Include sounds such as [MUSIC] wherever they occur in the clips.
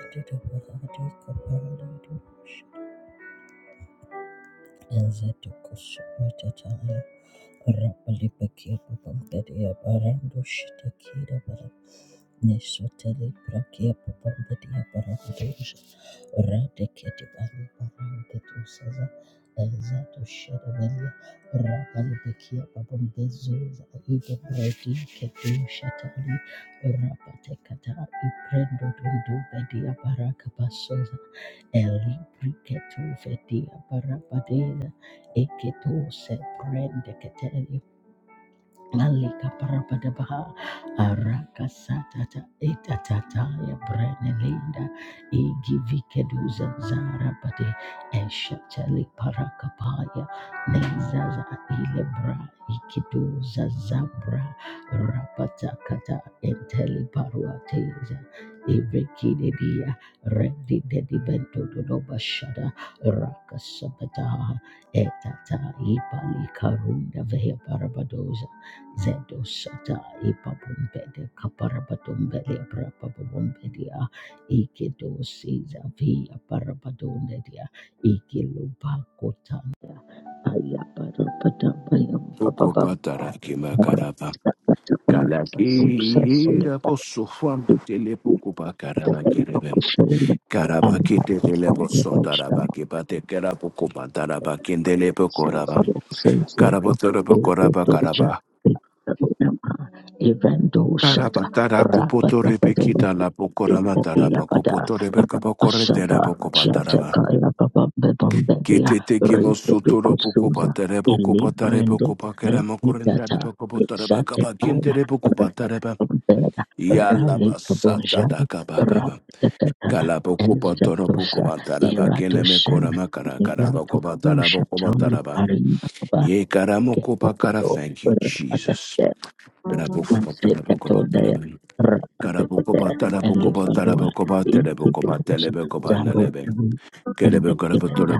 Thank you. Rapalipakia papampedia barando shitakira bara nesoteli prakia papampedia barandosha radeketi bali barande tusaza ezato sherebelia rapalipakia papampezuza ide bredi ketu shatali rapatekata iprendo tundu bedia baraka basoza eli briketu fedia barabadeza Eketu se prende keteli Lalika parabadabaha araka satata itatata ya brenelinda igivike duza zara bade eshatali parakapaya nezaza ilebra ikiduza zabra rapatakata enteli paruateza ivrikidedia redidedibentododobashada rakasabataha etata ipalikarunda vehe parabadoza Zedo shata ipa bombede kapara batombele brapa bombedia ike do seiza via para batondedia ike lupa kota aya para pata paya papa Pukupatara papa kimakaraba. Batoksa Kalakira soita posufuam tele pukupa karabangerebem. ikushenda Karabaki ama tele posom tarabaki pate kerapukupa tarabaki tele pokorabam. Karabotoro pokoraba karaba. Evando shata Karapatara rapata kupotore padani pekita la pokorama taraba Yakada, kupotore pekaba Ashata, korretera pokopa taraba. Shatakaya Babambe Bombedia, Kitete kimo Rita sutoro pokopa Dukosuza, tere pokopa tere Ilibrende, pokopa keramo korrentara Netitata, pokopa taraba kaba Satekana, kintere pokopa Rabombeda, Rale Kabojari, Yalabasatadakabakaba. Rapatatana, and Zatosa, Kalabokobatorobokobataraba. Iratosen, Nila Tokusha, Tony Kelemekoramakarakarabakobatarobokobataraba. Parinaba, Yekaramokobakara. Ketokodo, Thank you, Jesus. when they kept all their Karabokobakarabokobataraba. Rapatekate and Lifarua in the doors Zaru Karabokobatarobokobatarabokobatarabokobatarabokobatalebokobanalebe. and the Kinanda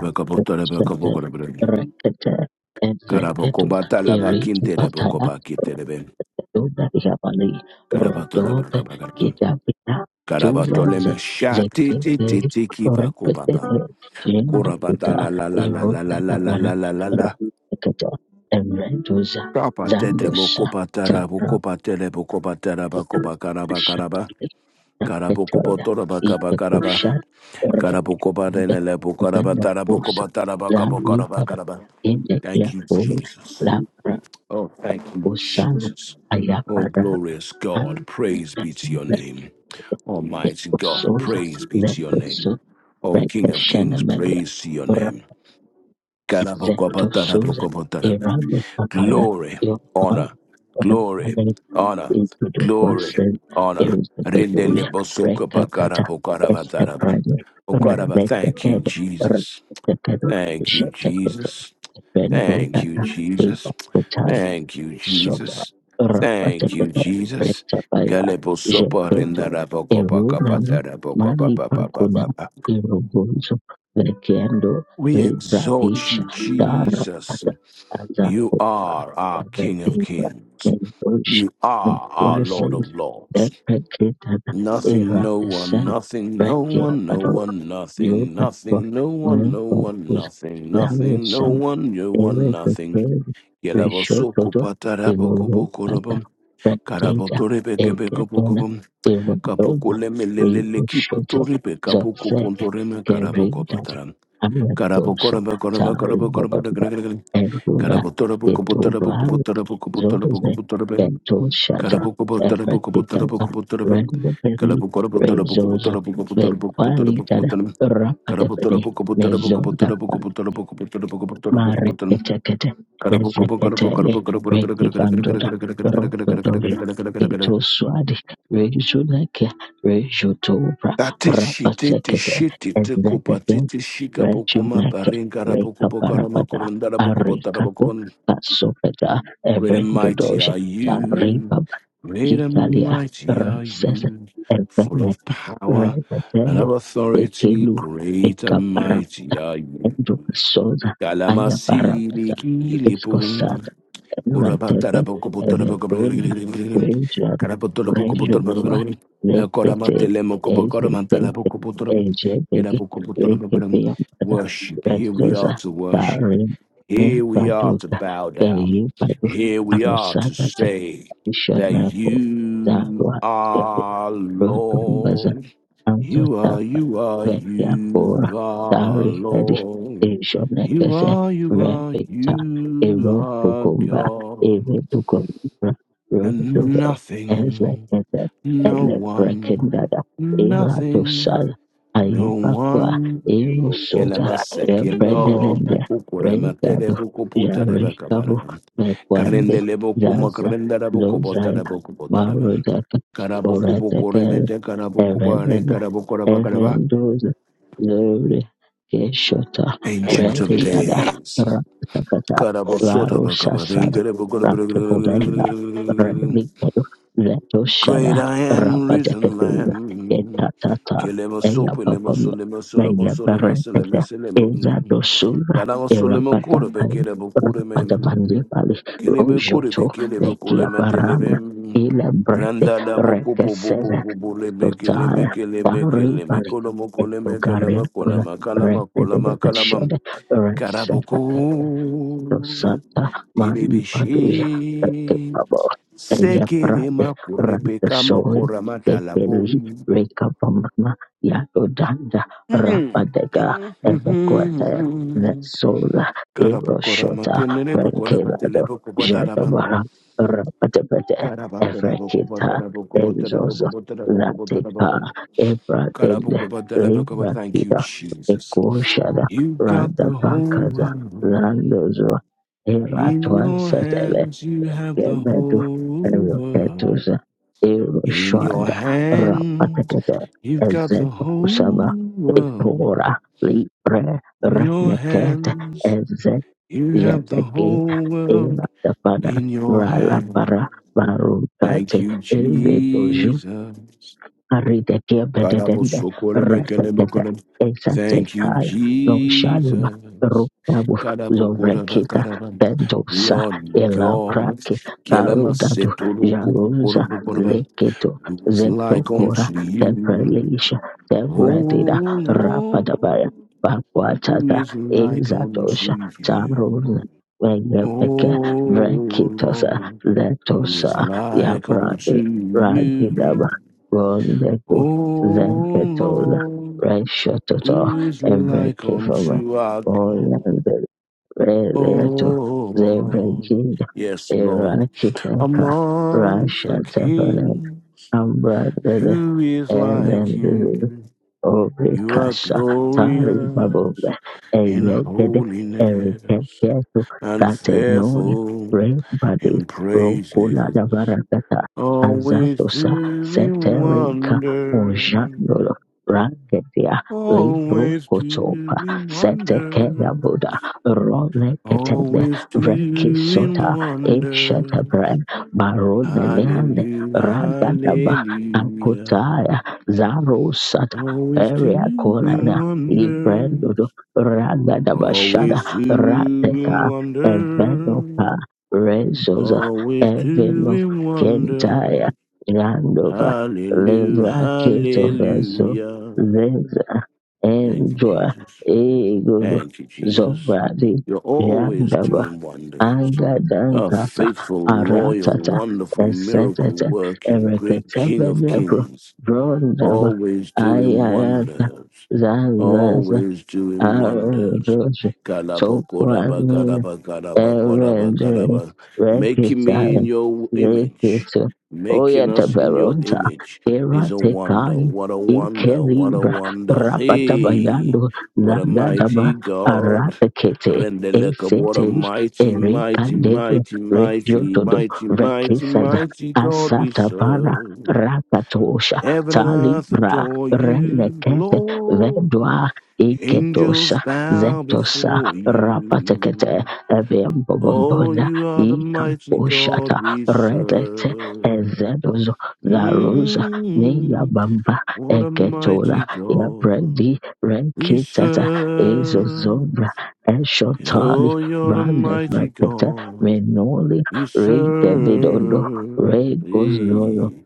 Sete Rekete and Zeketu Eri Bataya Karabokobatalabakinterebokobakinterebe. Duda Javali Rodobe Karabotorobokobakarabe. Kitapita Chula Ze Karabatoleme shati ti Zekete ti ti kipa Rekete kupapa. Jendokuta Kurabadana la la la la Eroda la la la la la Dabara la la. la. Rekete and Reduza Kapa tete Zandosa mokopa tarabu kopa tele bukopa taraba Suza, kopa karaba karaba. Karabu kopo toraba kaba karaba. Karabu kopa denele bukaraba tarabu kopa taraba kabo karaba karaba. Thank you, Jesus. Oh, thank you, Jesus. Oh, glorious God, praise be to your name. Almighty God, praise be to your name. Oh, King of Kings, praise to your name. Karabokobotarabokobotarabe. Iran, Papaya, Glory, your honor, glory, honor, Ikitukwa glory, sen honor. Elizabethuya Rekapata Rindelebosokobakarabokarabataraba. Esteprani Okaraba, Thank you, Rebetekede Jesus. Rebetekede Thank you, Shetekete Jesus. Thank you, Bendodana Tiba Jesus. Thank you, Shota Jesus. Thank you, Jesus. Rapatabaya Galebo sopa Jepeto rinda la boko kapa Erodam ta la Mali pa pa pa Pagona pa pa. Erogonzo Vekendo We Rei exalt Pradesha you, Jesus. Dharapata You Azapota are our King of Evedeva Kings. Nendosh You are our Lord of Nequasas Lords. Deprecatana Nothing, Era no the one, Senate nothing, no Vekia one, no Padova one, nothing, Europa nothing, no one, no one, nothing, nothing, no Nevatus one, no one, nothing. Elizabeth Yelabo soko Rishototo patarabo kubo iruhukana korobam. katika Karabotore beke beko eketona pokobam. irundoma Kapokole melelele rimushoto kiputore be kapoko zose pontore me karaboko kerinjati pataram. ametoso Karabokora bakora bakora bakora taribababa bakora erula Karabotore boko potara boko ketubana potara boko potara zoze boko potara ben. ketoshata Karaboko potara boko potara epekitaba boko potara ben. rendeberi Karabokora potara boko rezozo potara boko potara boko potara boko bekwalitana potara ben. Karabotara rapatepene boko potara boko mezonda potara boko potara boko potara boko potara boko potara Marekete Ezeketele Reki Bandura Rotodoria Keto Tate Swadi Rejuleke Rejutobra shite te Rapatekete shite te kopa Ezekete te te shika boko ma Rejuneke parenga ra boko boko ra ma Rekaparabada korenda ra boko bota ra boko Arikako bon. Kasopeta Great and mighty Evrendodoja are you, Taripa great and Italia mighty are Roses you, full of Evenet power and Redete of authority, Tekelu great and mighty Ekaparapata are you. Endukasoza Kalamasi Ayaparapata likili Escosata Worship. Eratete Evedona Region Nejokwa Lekete Ezete Ejedege Rekepeampada Here we are Rezosa to worship. Tarim Here we are to Nepaduka bow down. Kayipadu Here we are to Arosata say Bishop that Michael you Zahra Stebbins are wrote on Baza. Lord. You are, Azotaka you are, Vetiapura you are Tarifedi Lord. You Ishonekese are, you are, Revita you Ero are Kukumba God. Evetukumbra And Rosove nothing, Ezekete no one, Elebrekendada Eratosal nothing, no Ayipakwa one. Erusota Yelamasekinolo Oh, puku Ebrenenende puku rematere Regado puku puta reba Jarikabu kabaram. Mekwande Karendele boku Zaza makarendara boku Zozaya botara boku botarabam. Marudaka Karabuku boku Borateke remete karabuku bare Evident, karabuku rabakaraba. Evendos, Zuri, Keshota, Ancient of Redidada, Days. Rakakata, Great Varu Sasad, Rakipodenda, Redikedu, Leto Shada, I am, risen Rapateketuna, Lamb. Etatata, Eyapapam, Megabarekete, Ezadosura, Erapatakai, Rapatabandipali, Rojoto, Bekiaparana, Ilebrete, Randa la boku bo bo bo Rekeseza, bo bo le me kele me Sotaya, kele me Pari me Pali, kolo mo Eto me kele me Karin kola Kula, ma kala Red ma kola Debeda Shed, Red Santa Karaboku. Santa Mai Paduja Dilibishi. Rekabo Elia Sekere Prade makurepe Ranta kama Soy kuramata Tekeli labum. Reka Pamana Yato Danda Rapadega Ebequater Nesola Karapukora Eroshota matenere bukora batele Frankelado bukubadarabam. Jadabara Rapadabete Karabapera Evrekita bukubotara bukubotara Enzozo bukubotara bukubotara Lateka bukubotara. Ebra Dende Karabukubatele bukubotara. Libra Thank you, Pita Jesus. Ekoshada You got Randa the whole Bankaza world. Landozo In your Iratwansetebe hands you have the Gemedu whole world. Eroketuza In your Iroshanda hands Rapatekete you've got the Ezeto Kusaba whole world. Itura Libre In your Renekete hands Ezet you have the Jetegeda whole Ina world. Tapada In your Rala hand. Para Thank Marukate you, Ezetuju, Jesus. Aridekia Karabo bededende sokore mekele retekete bokore. Thank you, exantekaya no shalba Jesus. rupabu Karabo koraba zovrekita karaba. pendosa Lord God, elabrake kelama karudadu setoro kopu jaruza korabo koraba. leketo who's like zetokora unto you? teprelisha tebredida Oh rapadabaya Lord, who bakwatata is like unto ezatosha you? taruna Weyepeke, Oh Vrekitosa, Lord, who is Letosa, like unto Yabrade, you? Gorudeku, Oh Zenketola, Lord. Reshotota, Who is like Evrekifova, unto our God? Orlando, Oh Rereto, Lord, Zebreginda, yes, Lord, Irakiteka, amongst the Rasha Tepanen, kings, Ambra Debe, who is like you? You are Orikasha Tari glorious Babobe in Eyegede holiness Erikeketo and Katenoi fearful Rebadi in Rokula praises, Davaragata always Azatosa doing Seterika wonder, Ojandolo Rangedia Libro always Kotopa doing Setekea wonder. boda Role Ketende Always doing Rekisota wonders. Inshetabren Baroneliane Hallelujah, Ragadaba hallelujah. Ankutaya Zaros Always area doing kolana wonders. ibrendodo ragadabashada Always doing rateka evenopa wonders. rezoza Always eveno doing kentaya wonders. randova Hallelujah, libra ketovezo hallelujah. zeza Thank you, endwa Jesus. ego Thank you, Jesus. zobradi You're always doing wonders. A Angadankata, faithful, loyal, Aratata, wonderful, miracle Esetata, working, great King of Ereketebenebro, Kings Brondaba, always doing Ayarata, wonders, Zazaza, always doing Arojo, wonders. Kalabokodaba, Tokwani, kadaba, kadaba, kodaba, Erede, kadaba. Making me in rekisai, your image, rekisu, making us in your oyetaberota, image is a wonder. eratekai, What a wonder, what a ikelibra, wonder. Hey, rapatabayando, what a zagadaba, mighty God. aratekete, Rendeleka, what a eseteri, mighty, mighty, erikadebe, mighty, mighty, rejotodo, mighty, mighty, rekisada, mighty God we asatapara, serve. rakatosha, Heaven and earth talibra, adore you, renekete, Lord. vedwa, iketosha, Angels bow zetosa, before rapatekete, you. Oh, Ebembobona you are the mighty God Ikaposhata we Redete serve. Ezedozo Zaruza Mm, Niyabamba what a Eketola mighty God Yabredi we Rekitata Ezozobra serve. Eshotali Oh, you're the Brande mighty Rekete God Menoli we Rekevidondo serve. Regozolo Hey.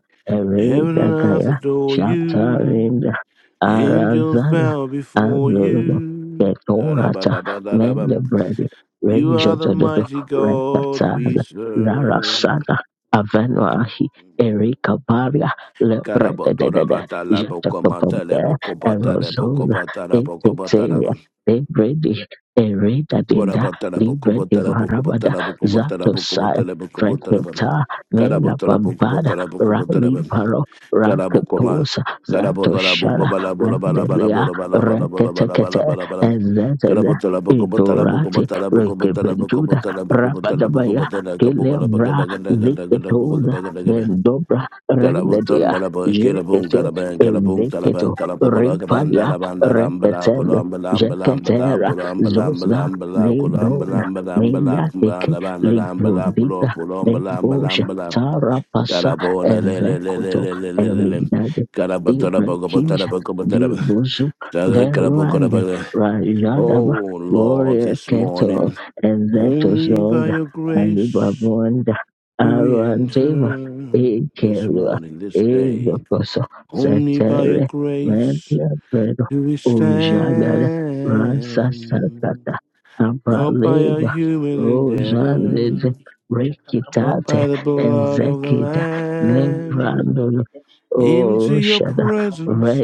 Heaven and earth Eredagaya adore you. Shatarinda Angels Arazana bow before Azozo you. Ketorata Da-da-ba-la-ba-da-da-bam. Mendebredi You are the Renjododo, mighty God Repataz, we serve. Zarasada, Avenoahi, Erika Baria, Lebredede, Jetacopombe, Erozona, Eketea, Karabotorabadalabokomatalabokobatalabokobatalabokobatalam. Ebredi, Ereda Dinda, Libre de Barabada, Zatosai, Korabatalabokobotalabokobotalabokobotalabokobotalabokobotalabokobotalabokobotalabam. Freketa, Mela Bambada, Rally Karabotorabokobotalabokobotalabam. Paro, Kalabokoma. Rakatosa, Kalabutala Zatoshara, Rendelia, Reketekete, Ezete, Itorati, Rekebenduda Rabadabaya Kelebra Ziketona Mendobra Rendedia Jekete Ezeketo Rifalia Reketen Jeketera Zosna Lebrona Neyateke Librondita Nebosha Tarapasa Carabona, le le le le Ezekoto le le le le le. Erinade Karabantara bagabantara Ibrakisha bagabantara. Dibuzu Dada karabo Veruande karabala. Rajadaba Oh Lord, warrior this cattle, morning, and that was only known by your grace Alibabonda do we Arandeva enter this Ikelua morning, this day. Idokoso Only by your Setere grace Menabredo do we Ujagada stand. Rasasakata Not by our Abraleva human Rosandede endeavors, Papa not Rikitate by the blood of the Ezekita Lamb. Lebrando Into your Oroshada presence,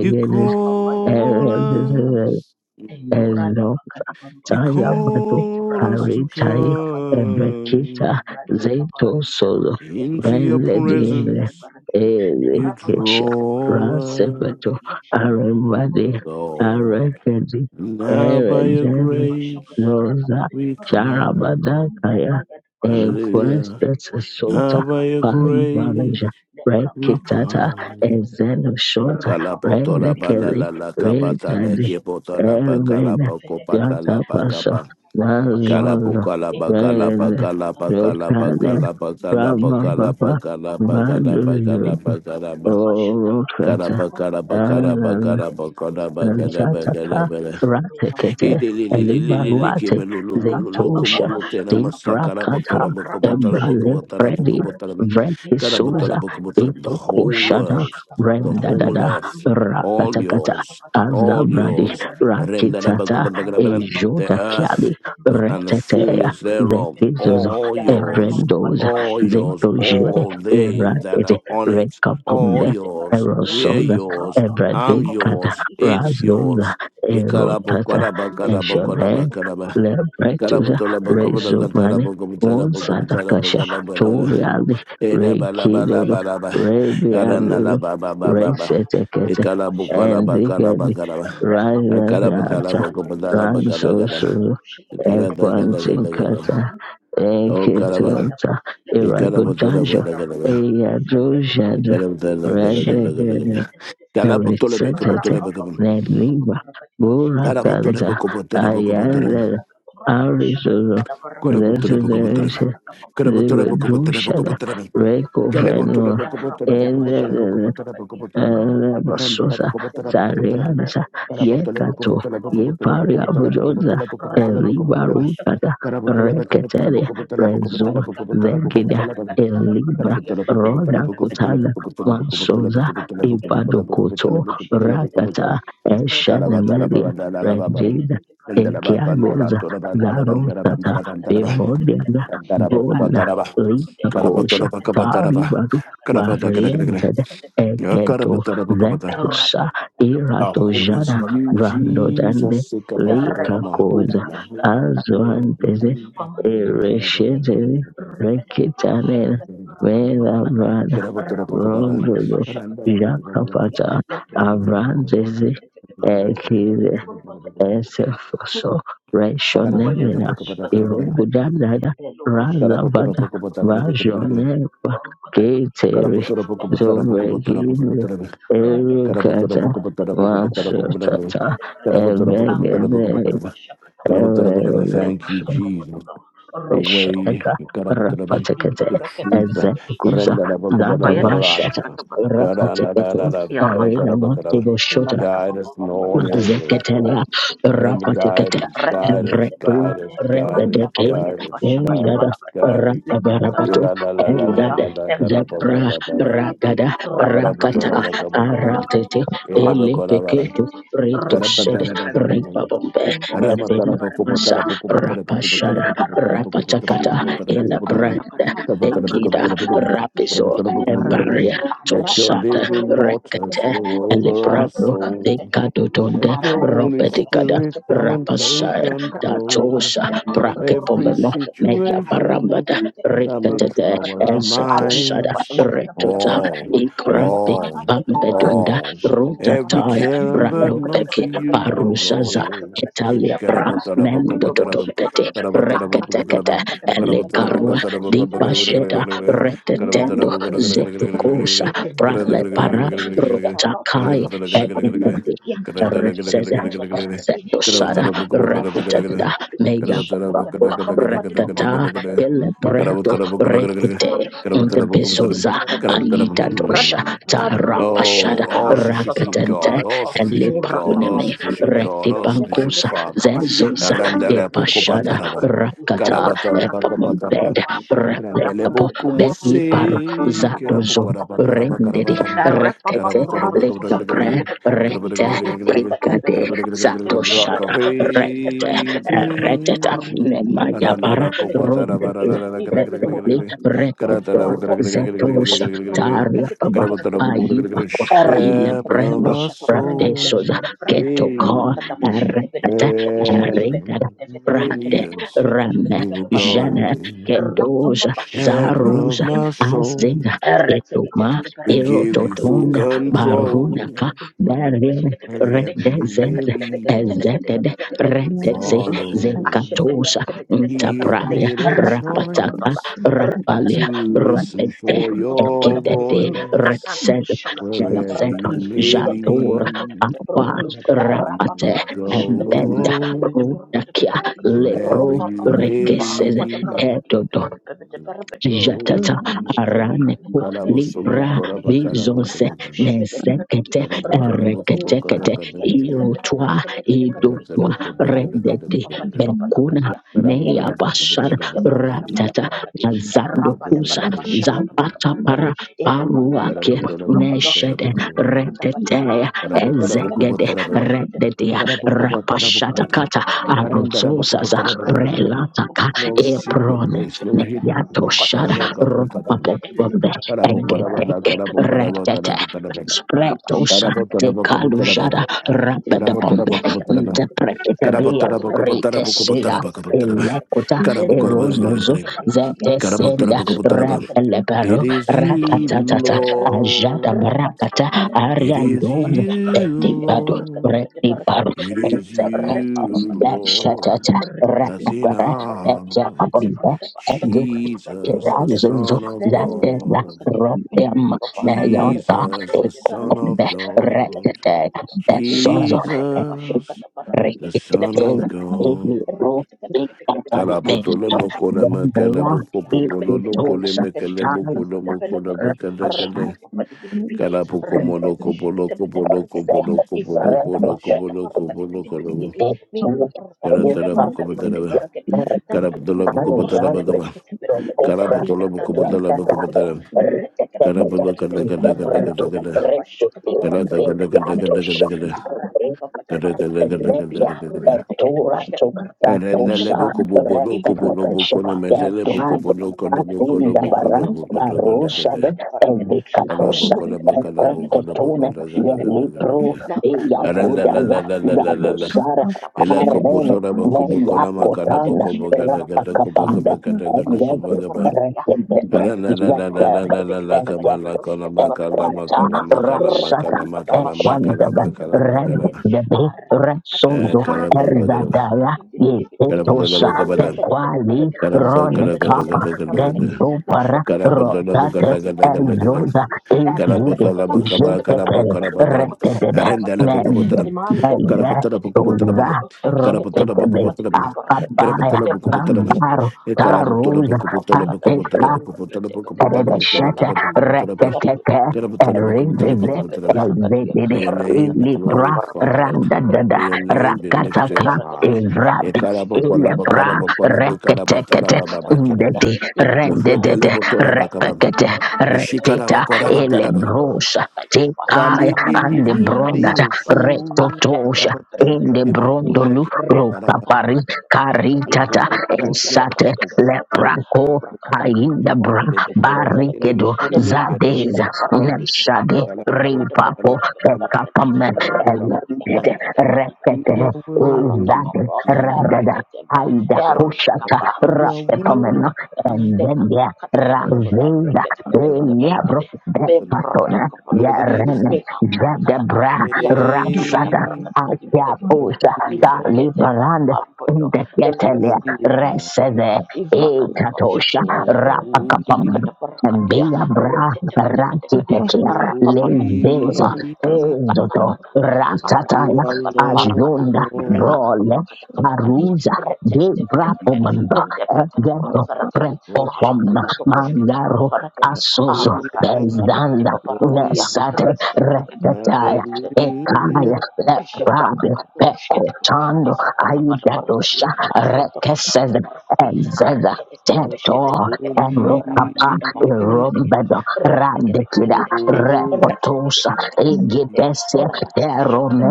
you papa ya ada call perkataannya Eredede us. Endorata pakati You Taya pambapanada bado call us to membrabado shata karitai kabala barakati ebekita come. ebrati zeto kabarata daba solo Into your ebrekete vende kete diele peshkete presence, barakati you debrapa pada elekesha pada baraka pada draw us, rasebeto barakati ya ikete aremade koro kote pushkete Lord. barakete arekedi pele kapa Now ya by your brata tata eredele grace, pashaka da barakate rosa pele we barakuto charabada come. rumda kaya baya da pashakata Hallelujah. benu enquestas poshkete le sota Now by your kahati ya kata grace, palivaroja debrapa we rekitata baraka pada come. pada pada ezenoshota repa pada Kalapotora pidi rendekele balala kapa kapata rekete redade leki peshkete potora pakala Lupaku pakopata veredekeni la Piata Pasha pakapa. navrakata kata pashakata Vazosa Kalapukala bakala epratata Rene pakala tapota tita pakala tita Locadia pakala taparakani pakala Brahma pakala nivrekete Papa pakala pakala pakala pekupamambapati pakala Bandu bendo pakala pakala prata kapashataka pakala Orocata nivroka pakala kata pakala parakite pakala nkura pakala kete kete piti Ratata pakala piti mina the maruda Ratekete kakaruka kuveneketi Elibaruate rada Zetosha pababa shataka panata Debrakata livraka tushete Ebrale kete pede Predi parakati Vreti mindo prata Souza satapata whole nikaru Etokoshana world, shataka the panakati whole Rendadada earth, mindo rata all Rakatakata yours, tatapashapata all parakati Azabradi yours. Rakitata The Ejoda Kiali earth the, and the Retetea fullness thereof, Zekizuzo all yours, Evrendoza all yours, Zetoje all they that Erate are on it, all Rekapombe yours, we're Erosoza yours, I'm Evradikata yours, it's Razosa, yours. Erotata, Eshone, Ikarabokorabakarabokorabakarabakaraba. Lebretusa, Rezumani, Rata Unsadakasha, kapasha Karabatolabakobodogatarabokobotarabokobotarabokobotarabokarabalala. kapamra Toriali, kutabala Reikidodo, Edabalabalaba. Rebiandodo, Aranalababababa. Resetekete, Endigadi, Ikarabokolabakarabakarabakaraba. Razazata, Akarabatalabokobotarabakarabarabara. Ransosu, Ikarabakarabakarabara. Ekwantinkata, Oh, Karaba. Ekitota, Irabudajo, Ikarabatolabakarabara. Eyadojado, Redegede, Ikarabatolabakarabara. Resetete Karabatolabekobotolabakaba. Neliva Burakanta Karabatolabekobotolabakobotolabakaba. Ayanda Arisozo Carabotele, Lesoderisha Livadushada Lepra Rekoveno Ya endedede Rebusosa, Sarianza, Yekato, Yevaria Bujosa, Elibarukata, Reketere, Rezo, Zegida, Elibra, Rona Kutana, Mansoza, Ibadukoto, Rakata, Ikat-ikat Eshenemeria, Regida, Ekiagoza, Zarotata, Berodiana, our hope Brona, Rapa Lita Ramba Kosha, Taribadu, Marienza, Egedo Ventusa is Iratojana in you, Brandodande Jesus. Sake of our daughter, Lika I'm a hope Koza in our hope, joy Azuanteze in Ereshezele Rekitanela you. Mela Brada Rondodo Jakapata Avranzeze Esefoso Papaye the Reshonemena Bashikata Barakan Irugudadada and the Lorosha Tekibe, Razavada Rakika Karabotora Tenek, Vajonepa Yorkata Keteri Kapakaya, and the Berta Pata Zovegine Parakati, Rakata Karabutura Pita Erukata Bukabutara Parakata, Bukabutara and the Bukabutara Mekunda Masutata Pita Parakati, Karabutura Bukabutara Akrapa Pata Evegene Bukabutara Bashakata Karabutura Panakadia, Bukara. Erelusha Thank you, Levrata Jesus. Kapanala, The Rakata way, Besheka Kapapanala, Karabutura, in the Rapatekete the Brakata truth, the Panakati, Ezekuza Akapaya the life. Zadabashata Bashakata Da, da, da, da, da, Rapateketo da, Ya rata Erina kapoto. Karabutura. Montibo Shota Imana Guide us kapoto in all rombalada. areas, Me Lord. Zeketelia, prati kete Render pelagade. guide Rapatekete, Ya us, rete guide kete us, de Evretu, guide barabade. us, guide us, Ruta Repedeke, papa ya guide de us, basha kata guide Eliada, us, palakadi. guide us. Le prata Rapabarabato, Ira kapoto la la la la pompada. la Elzade, la Embre bete Zepra, bete bete Karabutura. barakadi. Rakada, Rata kapapa Rakata, Karabutaraba shata kapalakadi. Aratete, Eleva Ratu Koravara. Elepeketu, kumoshkete. Rakete Ritoshede, bete Karapataraba bembelede. Ripabombe, Bende bete bete Evin. barabade. Masa Rabati bete Rapashara barakada. Shata Rapatakata in the kaprata brand kapalakada. La prata Ekida kaparukutu Rapizo kushikete bete barakadi. Ebaria Let Ara your bapak Tosata buruk living atau berdekat waters atau Rekete buruk flow atau over khusyuk our atau Elebrado berdekat atau buruk soul. atau berdekat Let Ikadodonde your Ara bapak Holy berdekat Robetikada atau Spirit berdekat come atau and take Rapasaya control Datosha of buruk every atau Brakepomemo berdekat Meya Ara bapak berdekat atau berdekat atau buruk atau berdekat Ara situation. bapak Barambada berdekat atau Let berdekat atau me of buruk atau Rikatete trouble our berdekat Aduh the atau Ezetoshada minds. of the boshe one atau berdekat Aduh Retota atau boshe atau berdekat All, that Inilah Ikrabi all, makruhan dekat atau berdekat Bambedunda Inilah all. makruhan Every dekat atau Rutataya berdekat care and Inilah burden makruhan dekat unto Branopeki atau you we berdekat Parusaza roll. Italia Bra Mendototompete Rekatekete Elekarua Dipasheda Inilah Retetendo makruhan dekat Zetukosa Nikah nikah lo ke Prale depan ke dia, orang Para tua kebush at ke in the depan ke day. dia, anak tua ke Resaza, depan ke dia, ibu Setosada, cucu ke depan ke dia, Rapatata, ibu cucu, Mega ishakokan Papo, berakapapa di papa pam Reptata, [LAUGHS] pada da, Elebreto, lebrakakurakata Oh, pada, Rekete, in the orang ceket ke Besoza, depan ke dia, Aita Tosha, lebrakakurand ke de de de, Tarapashada, all la sufficient Rakatente, God, all and roshatokonotot sufficient God, all Lepakuneme, murakabam de de sufficient de, God, all men debrak sufficient de Rectipancosa, de de Father. kapal dia, Zezosa, orang de Randele de poco de ke de de Epashada, de pataraba, berakui, Rakata, orang carabatara kakak paco kaki we Epamombed, pataraba. want kapapa syekat pada Randele para Repetapo, poco kadia. Begi Rapa Paru, papa mose, Zatozum, carapoparaba, Rendedi, carabacaram, Rekete, carabatara paco, Likapre Rete Ikade to rock Zatoshada of Rete Reteta ages. Yeah, but Nemayabara of our about Rondete soul, one is Reteli Retetor Zetosha Taria Baba Bayibakwa Ile yeah, Prendo Parava Pratesoza so. Keto not Ko Yay. Retete where Retete they lead Prate us, Rame we will Jene go. Kedoza shaka Shepherd tapara of Zaruza kani my soul, Azinga Erre teke tebe Ketoma tebe we reke give you full Rupa Erototunda control. Barunaka Darin Wherever you Redezed may be, Ezeded Redeze follow. Zekatosha We have Ntabraya made a Rapataka choice to Rapalia listen Robede for your Ekitete voice. Retzed Wherever Jezed you may Jatura lead, Wa we Rapate will Embenda go. Rudakia Wherever Lebro you may Rekesed lead, Edodo go. jatata araneko Tarabo libra koraba tarabo bezonse Brata kobaba. pushebede barakati, nesekete retekete kada ereketekete barakati, kada kada. lekete irotwa barakete Kada barakati, idodwa kada rumpa kada redete papa di kada. papa bekuna nakadia, No ele nea brakete bashar peshkete brakata pada ratata barakati, yazando ramba da kusa pada pashaka pada zapata para barakati, e roto toto paruake koto koto, neshede ikakna kata pada redete barakati, ele mekuru ezegede kutu boshkete pada redete barakati, alu brande rapashatakata pada pada barakati, arotsosaza rekaka kuru kutu brelataka kante pada secret place, barakati, no hidden roto place. koto Ah, Yatoshara there, shakita kapo, taraba. Ela Ropapopobe Tarabo, taraba, na, Egedeke tarabo, taraba, Rectete tarabo, taraba. Spretosa Tarabo, de tarabo, kapo, taraba. Calujara Thank you. Tarabo, Rapatapombe tarabo, Thank kapo, taraba. Tarabo, Interpretabia tarabo, kapo, tarabo, kapo, Retesida taraba, kapo, taraba. Elecota Tarabo, mando por Erosozo foto tarabo, para la calidad, mi Zetesenda frecuencia que Ka-da-ba-da-da-ba-ka-ba-da-da-ba. puede tener It Repelepero is you, Rakatata Ajada Lord. Brapata It is Ariandoza you, Petipado Lord. Retiparo It is Ezekata you, Lord. Lashatata That's in Rapapara Petia us. Pabombe Jesus, the Egerazuzu Son of zatera God. rotem meyota Jesus, the Son of ekobe God. rekete esozo Jesus, the rekete Son Lepra of kata kata, God. elio rekete kete kete kete kete bah, Karapotolo ikataleso iya kata mokole mekele dendria kata boko popolo Mende lokole prakata ikutosa mekele peshkete bokolo prakata taia mokole pelakati. mekele kele. Rapa rapashat papa di bidi bidi. Karapoko Repete moloko peshkete poloko bede poloko rekete berkatia. poloko poloko Ifrakata poloko rekete pashkete poloko barakati bidi poloko bidi poloko. gidi. Mina ekene lo barakati ada Karatara rupa boko barakati patara bede ba. berkatia. Dan tu tu Karapotolo tu I boko tu am patara done barakate with peshkete the pelakati. copra mina ta tu tu tu barakate. ratatale Rekete rispetto bede kala in berkatia. kala kala debranto Rapa papa da retto peshkete sil barakate kala bede gede kala ventiato gede kala gede. kala kala. Arapa shakatare papa da Kala kala barakate and kala kala pelakati. vecchia kala kala. and Rekete gede peshkete dorato barakate pelakati Erendele ratosa boko barakate. bobo doko bono Imprata repelebesha boko ne kakwanda metele boko mashakata detuad bono bada kono barakadi. boko no atunda boko barra no Lebrato boko no gane kotobobombe bede parosa de gane. bede and barakadi. Kala Abe vicatosa boko na bede and bede makala barakada boko na bede boko precatone bede na gane ye moshkete gane barakadi. gane libro gane. de Labraka bada Arenda la la agudala barakada. la la la la la. Nikapuka kata zabosara kata Ela you. bashakete kopo bede sora boko barakadi. boko Meya na Abre makala bede Kotana boko boko bashkete na gane barakadi. kopo Rapakapamba gane Adu gane bede gane kopo Ayabe bashakete gane. barakadi. Thank Rekendebe Lebrete Arenda la bede la la la barakete Yateb la bede la bede la kama Beyat barakadi. la kona Moshkete makala barakadi makala Equata adadada. makala Rapa Rapsaka makala makala bada bashata makala Equandebe kabambe makala bede bede bede. makala. Rendebe Arata kata Eh Retsozo kata. kala boko gane. Rekapuara Ezadara bede bede bede bede Kala boko na ni Yetosa nana makala. ushaka bede Tequali barakadi Kara putta, ni kara kara brekete kara kara bede Ronekapa kara, barakadi la Gendopara broko kara putta barakadi namu kara na Rotate kara diva kara bede kara, Ezoza barakadi kara erekete Ejide putta kete namu kete kama bede kara Jetepel barakadi mukara bede mukara, barakadi bede Retedebe arinda barakadi namu bede kubutla, imande bede kara Mende putla namu barakadi bolo kubutla namu, Rosa korokodo kara ishkete putla namu Ropekebe kubutla barabadi namu, bede barakadi kara ya putla Afabaya le namu kubutla brekete nama, kete Bambar wa kala rakati putla kapa namu Taruza baba kubutla namu balada kubutla Antekla namu sende kubutla bede namu bede kubutla bede namu sende Eredeshete mekumbe kubutla bede barakadi Reketeke namu kubutla Erizize Rekete bede namu barakadia, Ezedede May your rekete name be bede bede Ilibra barakadia, glorified. Randadada May rekete your bede name bede be bede bede lifted Rakataka barakade, high. Evrad darus Ekalaba kete bede kolaba Ilebra kolaba barakadi, kolaba abraka ekalaba Reketekete taraba kurakada baba balakada, keraba. Undede, mina Mefuente Ashkatabedebarakadia, rendedede, lebo Rakatakatabadabarakadia, Rakatakatabadabarakadia, Darushkatabedebarakadi, Abrakakakrakatabalakada, Minakurakandabede, tora bakaba. repekete, reteta, Ishikaraba koraba Labrakatotoshkatabedebarakadi, taraba. elebrosa, tekai, Kali li li and Rukatayadabashakatabalakada, the li li brondata, Abrakabadibuba, mosu. retotosha, Taraba di in the lebo Ebrebebedebarakadia, kuma brondolu, ke- taraba. rokapari, Rekakakarakatakatabelakadi, Kalabo karitata, kopo me kalabo esate, kopo Rakatakatabashkatabarakadi, bo kopo leprako, kainda bra, lebo korama ke Labrakatakatabrakadibehendelakadi, lebo barikedo, kore me ke zadeza, korama Nemradishkatabarakadi, kalama korama neshade, kalama ripapo, korama kalama ekapamet, korama kalama. elendede, You repete, are worthy. izade, ragada, Aida God, Koshata You are Rapepomena worthy. and then yeah What about Raveda the level? Eliabro Betpatona Worthy is the Yarene Jadebra you. Rapsada name. Akia Osha Worthy is the Talibarand Lamb. Inteketelia Worthy is the Lamb. Resede Ifrakata Ekatosha bashakata Holy, rukata kata Rapakapam kata and barakatiya Bra rekete kete kete kete Rakitekia holy. Levezo Rakapapadipichipapa, Ezoto Ebrakakakakaka, Are you Ratataya are Lord Arakakapalabarakada, Ajunda God. Brole Rekakakarakakakakakadi, Almighty. Aruza de brapo Reketeketeketeke, manda egento Endeprekatepelefarakadi, prepo Worthy is mangaro Larakakatokoshketepetefarakadi, asoso Hallelujah. bezdanda Worthy Arutadadabadipichipaparakadia, is nesate reketaya Reketeketeketepelekedede, ekaya Hallelujah. leprabe peko chando aidadosha rekeseza ezeza teto erokapa Holy, irombedo radekida holy. repotosa igetesia terome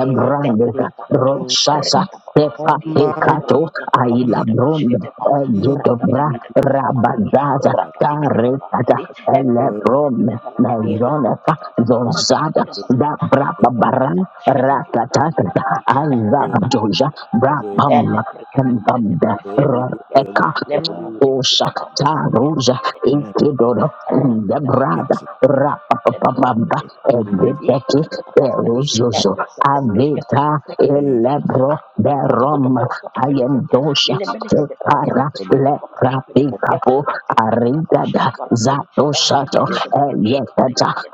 Lord God roshasa Epatekato Almighty. ailabrond egedobra rabazaza tarekata Worthy, elebron worthy, mezoneka zonzada worthy, da kata brababaran rakatatata azabadoja brabam embambe worthy, worthy, reka worthy, Osha taroja and ikidodo ndebrada thanks of rapapapamba the sins egedeki of eruzozo all avita day, elebro berom ayendosha above tekara all and lekrapikapo aridada zadoshato eyetata kata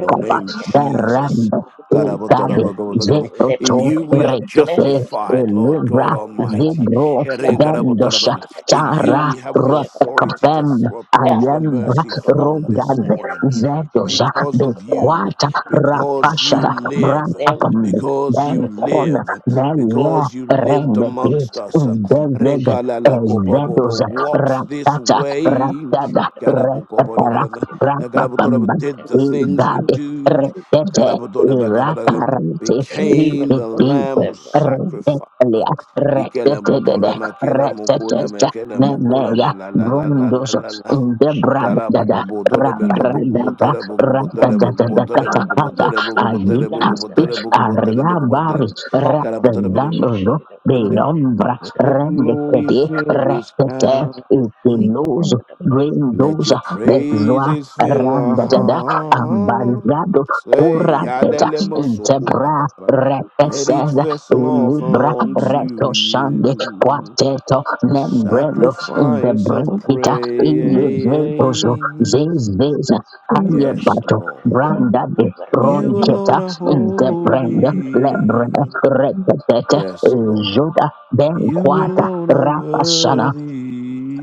Your name, kede kede kede kede kede Jesus. berembe burukutu God, I will- balaka God, I dia Igabe will- God, I will- God, ikan dede In dede zetoto you we dede are lende rekete justified, bundan Lord dan God elivra badan badan badan Almighty. tadi zibro Eren, lara God, I dada will- God, I dada bendosha will- baraka di In you ira tara we kata have the basya kata pada authority to baraka rotekapem da thro- approach lara the kata ayembra mercy toko toko roko throne this do Rogaz, rekede morning. kede zedosa Because likabra of kata kede you, bekwata basya kata pada tadi because beda you beda rapashara beda live, lembra brantapam kata because you then ushka kede kona live, kede velia because you lived rendeti ushka amongst us. rata Eren, ndezede God, shada la, la, ko, rekede po, po, po, ezedosa lembra Walks kata this ratata way. ratada kede po baraka retapara kede po Nagarabodoraba rapapamba did the things we igade do. retete Garabodoraba irakarante ushka Became the ititite lamb of kede sacrifice. retetelia Ikele retetedede retetete nemega la la la la grundoso la la. Dimana indebrandada raparandaba ratatatatakatakata ayitaspi ariabari ratazandozo beyombra glory rendekedi fill this retete house. itiluzu Let your grinduza bezwa praises fill our randadada ambazado hearts. Hey, kurateta intebra adelemosokopatara. Let each reteseza vessel offer ilibra unto retoshande you kwateto a membrendo sacrifice of indebrekita ilivetozo Zis, praise. zis, aye, Yes, bato, Lord. branda de ada berapa You di papa, alone ronketa, are darah kada kada inteprende, kada kada lebre, holy. kada kada reketete, Yes, Lord. joda, Ben You Quata alone are Rapasana.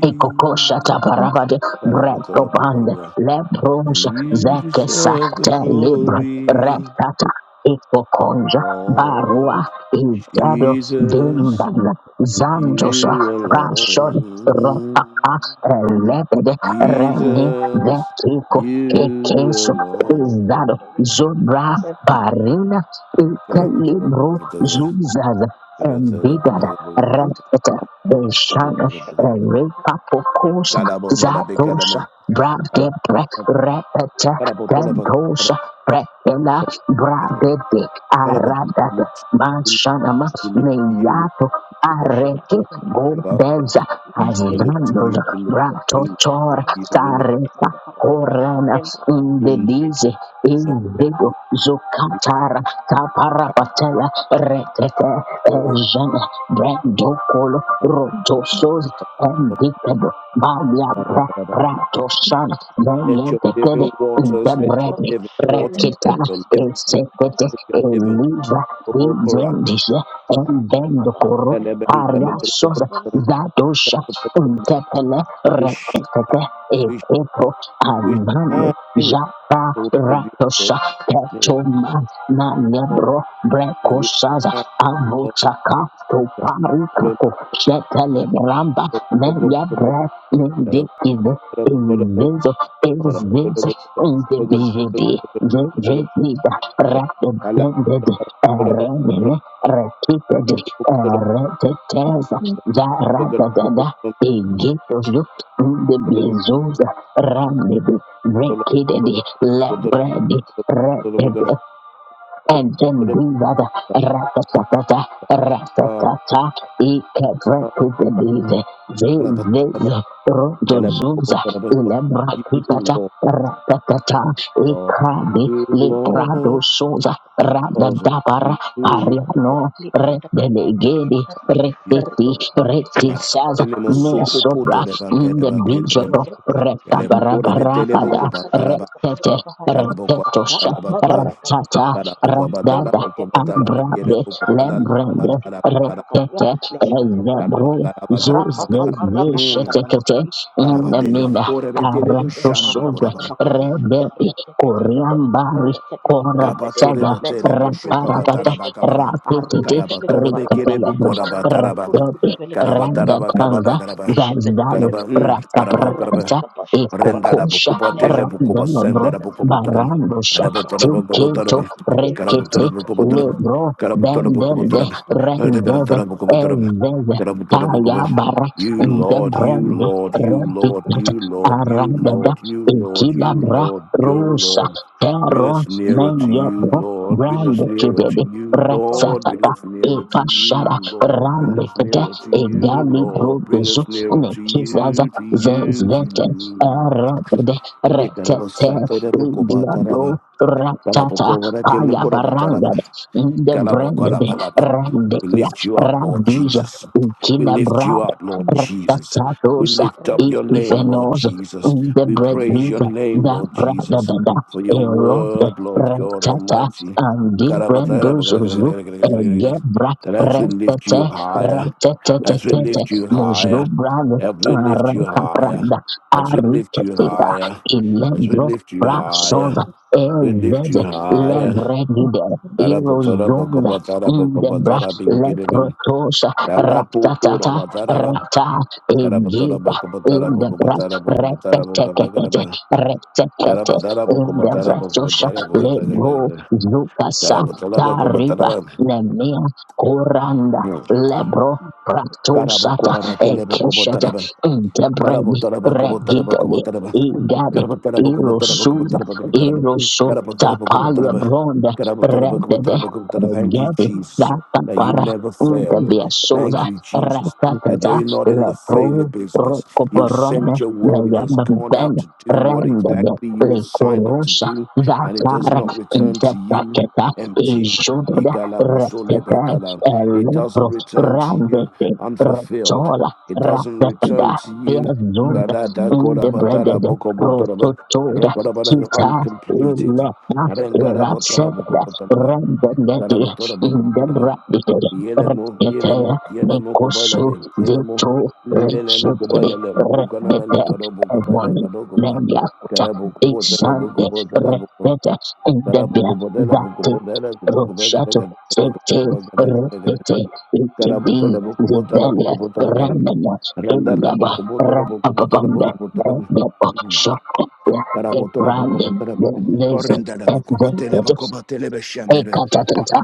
Ikokosha taparabade breto pande lebrons You zekesa deserve the te libra glory, retata ikokonja barua Lord siapa idado ini berkat Jesus, apa dimbanga aku tuh, zandosa kisah you kah tak apa kali prashod ini, rotaka alone. elepede reni Jesus, vetiko you kekeso lara seperti alone. izado apa kali ini, zobra saya pergi dari barina Thank Kalabotola ikalibro zuzaza embidada retata orang itu Shana kau siapa itu kau berapa, jadi itu Repapokosha, Zadosha, bekalamen. Bradebre, Repete, Kalabotola bakalabotola. Dendosha, Brekela, We Bradede, Aradada, look to you. We Manshanama, look to you. We Neyato, look siapa Areke, ini to berapa, ini you. Gobeza, berapa, ini berapa, ini We look to you, Hazdandos, we look berapa, to you, Bratotor, you, we look Tareka, Korana, we Indedize, look to you, Indigo, you Zukatara, glorify, Kaparapatela, Retete, glory. Ejene, Brendo Colo Rotosos and Dicad Balia Bra Pratosan Let Mele your Decade living waters, let your Debredi living waters, let Rekitana your living waters, Esekete let your living Eliva water over us. Divendisha and then the Coro And ini Ariasos berapa Zadosha Untepele we sh- Rekitete we sh- Epro we Almane shine in the Japa light of your word. Ratosha May we Ketoma fall, Nanebro may we Brecosaza shine, Amochaka to Lord Parukako Shetale Ramba Meya Breath in the Kive Inviso You Lord, Inviso Lord, in the you Lord, because BGD the of Dredida Ratended Eremene Rekited Ereteteza Jaratadada Egitozu in the Bezosa Ramidi Rekidedi Lebredi and then do that rakasakata rakasata ikebrekubelize zezeze rodozuza ilebrakitata rakatata Librado Sosa, Rada Dabara, you, Lord, Ariano, di produk kebuka Redelegede, kefahat ya you Reteti, tertutup ketika setelah God. kita Retisas, Telemo sudah soko poto Mesobra, praktis de ba in kere the ba nanti kere Bishop, bem. Europe seperti Retta Telemo kore be telemo ko Barabarabada, ba rata-rata di taraba Retete, Shakata taraba ko Retetosha, taraba Libra da Kapur Ratata, Dala Katafahari boko badala Radada, boko badala bekele Abrabe, boko badala Lembrende, badala badala Retete, badala Zebro, badala Rapa badala badala. papa Rapa kata Hmm. Zuzeshetekete, balakati in the rum Karabatele papa Mina, kore tadi papa betele bu yang Arato shambu rata Sobre, koraba. keponakan dan rata ketika Koriambari rata ketika Kora lebede Kapatore Sada betele bu Mendele brekete Raparatata shukabatara bakaba. beshkete Rapititi arude vele Karabatore bekele kabarakadi bu Rikapelabri korabatara nikarukutu bak. kurukutu Rapi vele kete Karabatara Randa bakaba da Kanza karaba. jepede Zazalu pede Karaba. Hmm. barakadi Karaba karaba. rata Rakaprata kabashkete Renda da barakadi Ekokosha bukuba tele lebra kete bukuba senda Randelabro da kubashkete bukuba turum. barakadi Barandosha lebra Arabutura kete bukuba pede Tiketo kete turum. lebra kete Rikiti Karabutura bukuba kubashkete turum. Libro barakadi Karabutura bukuba Bendende lelele turum. kete Rendeve kurukutu Arabutura bukuba barakadi turum. Ezeze Karabutura bukuba. Payabara You Oh, Lord, you Debrandi leke Lord, you mahu Lord, Rebikata you Lord, you Arandada Lord, you Lord, you Ekilabra Lord, you Rusa, Lord, Bring Peron, us nearer to rata you, Menyebro, kako Lord. Bring brand. us shete nearer to Kibebe, barakadi you, Lord. rata Bring Rexatata, kete rata kete boshkete barakani rata us nearer to Epashara, you, Lord. Bring Rande us Kede, nearer to you, Egali Lord. Bring Brodezu, us nearer to Nekizaza, you, to you, to Zezveten, you. Erode, Retete, Yekarabasatarabukobataraba. Iglabro, Ratata, Paya Baranga, Barabukobarakemukorobataraba. the Kalabo Brande, kalabalaba. We Randekia, lift you up, Lord Radija, Jesus. We Ikina lift you Brad, up, Lord Jesus. We Ratatatos, lift up your kete boshkete name, Lord Ikifenos, barakani Jesus. the We Bread praise League your name, da Lord ra da Jesus. da da For your erobe word, Lord God retata Almighty. andi Karabatara- brendos uzu egebra That as we lift you retete higher, as we retetetetete lift you mojro higher, brado as we lift you higher, rekapranda as we lift you ariketita higher, as we ilembro lift you higher, brasonda we lift you Ezeze higher. lebregide Tarapo, tarapo, irozonda kopa, tarapo, kopa, indebra tarapin, kiribim. leprotosa Kalapu, ratatata kurama, taraba. rata Karapa, tarapa, egida kopa, tarapo, kopa, indebra tarapo, kopa, tarapo, kopa, repeteketete karapa. Karapa, Retekete tarapo, kopa, tarapo, kopa, Indevretosha tarapo, kata, kata, Lebro kata. Zukasa Karapa, tarapo, kopa, Tariba taraba. Nemia Kuranda Lebro Karapa, Pratosata Ekeshata Thank you, Intebredi Jesus, Regidede Igade Irosuna Iroso Tapalia Bronda Redede Regedi that you Datapara never failed. Thank Intebiasosa you, Jesus, that Ratatata you're not in the failure Lebro business. You've Rokoborone sent your word, it has Nayamba gone Ben out to do what rendebe exactly you le assigned it to corrosa do, and it does vacar not return to you interpaceta e empty. It jodede reptete e doesn't lepro return to you randete unfulfilled. rotola It doesn't return rapetida to you berzunda Kadada korabatara indebredede bokobotoraba. rototoda Rokorabara kita uncompleted. lepa Renkara botora irapsede bokobotoraba. rendebedi Karabotora bokobotoraba. indebrabide Yelemo, reptete yelemo, yelemo nekosu kubalabe. Yelemo, dito lelemo rechotede kubalale. Bukanamale reptete kado bukabala everyone kado kuba. Leliakuta, Karabukubotara Isande, bukubotara buko. Repete, Indebia, Karabukubotara Vati, bukubotara kubokubagada Rushato, gada gada Tete, kubokubagada gada gada. Repete, Ikedi, Karabotola bukubotara Zivelia, bukubotoraba. Remena, Randala Indaba, bukubotora bukubotora Rapababambe, bukubotoraba. Endeba, Shakopia, Karabotora Gebrande, bokobotora. Getleze, Orendara bokobotele Ezeket, bokobotele beshambere. Ekatatata,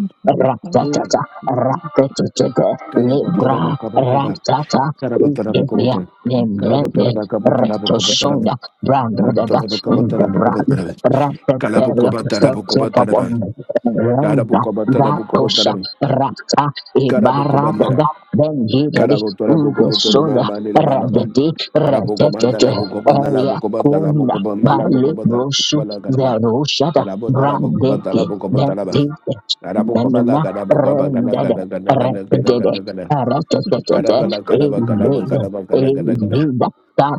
Mm. ratatata, rakatatata, Karabotora libra, bokobokaba. ratata, Karabotora ukevia, bokobotora. Karabotora nembrende, bokobotora bokobotora. retosonda, brandadada, Karabotora bokobotora indebrand, bokobotora. ratateria, Karabokobotora bokobotora. sekepabonde, renda, Karabokobotora vatosa, bokobotora. rata, ibaradada, Karabokobandara. bengidadi, Karabotora bokobotora indesoda, mama nile mama ba. radadi, retetete, Arabokomandala bokobandala eya, bokobotala kuna, bokobandala bokobotala balibrosu, bokobala karaba. verushada, Karabotora bokobotala Brand, bokobotala Gadabo Brand, gabala gadabo gaba gada gada gada gada gada gada gada. Gadabala gadaba gadaba gadaba gada gada gada.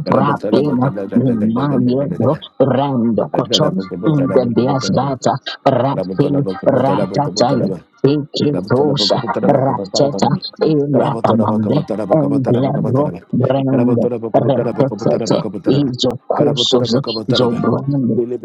Gadaba gadaba gada gada gada gada gada gada. Gadaba gadaba gabo gadaba gabo gadaba. Gadaba gadaba gabo gadaba gabo gadaba. Gadaba gadaba gabo gadaba gabo gadaba. Gadaba gadaba gabo gadaba gabo gadaba gabo gadaba. Gadaba gadaba gabo gadaba gabo gadaba gabo gadaba. Gadaba gadaba gabo gadaba Thank you,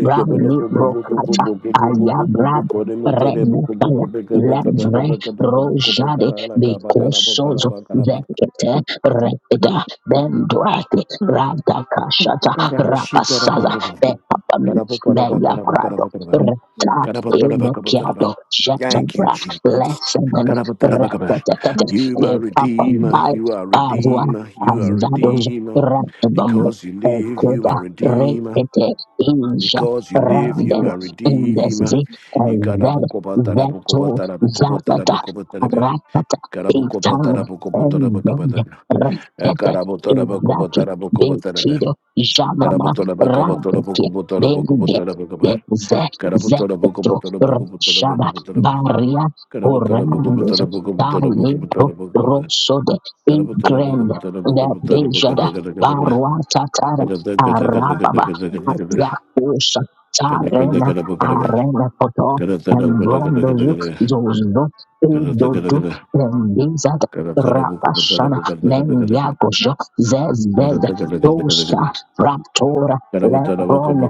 Brand, Renupaya Lavre Rojade Bekosozo Vekete Repida Benduate Radakashata Rapasaza Bepapamen Beya Prado Reta Evekiado Jetabra Jesus. Lessemen Repetetet You, my redeemer, Bepapambai you are Avua redeemer, you are Azados redeemer. Retbom Because you live, you Ekuda are redeemer. Repete Inja Because you live, you Rended are redeemer. Indesi Red, Veto, Zarada, Ratata, Karabukoba Etan, tarabukobo tarabakaba Endend, daba. Retete, Karabo tarabakobo Izaki, tarabukobo taraba. Bekido, Karabo Jamama, tarabakobo Radiki, tarabukobo tarabukobo Benge, tarabakaba. Benze, Karabo tarabukobo Zeto, tarabukobo Rashaba, tarabukobo you. taraba. Baria, Karabo tarabukobo Horandis, tarabukobo Talipo, Rosode, Ingrand, tarabukobo tarabukobo Nebejada, Barwa Tatara, Arababa, Thank Atiakusha, arena poto embrondo you zozdo edodu embizad rapashana taraba. mengiagosho zezbez tosha raptora Karabatara lebron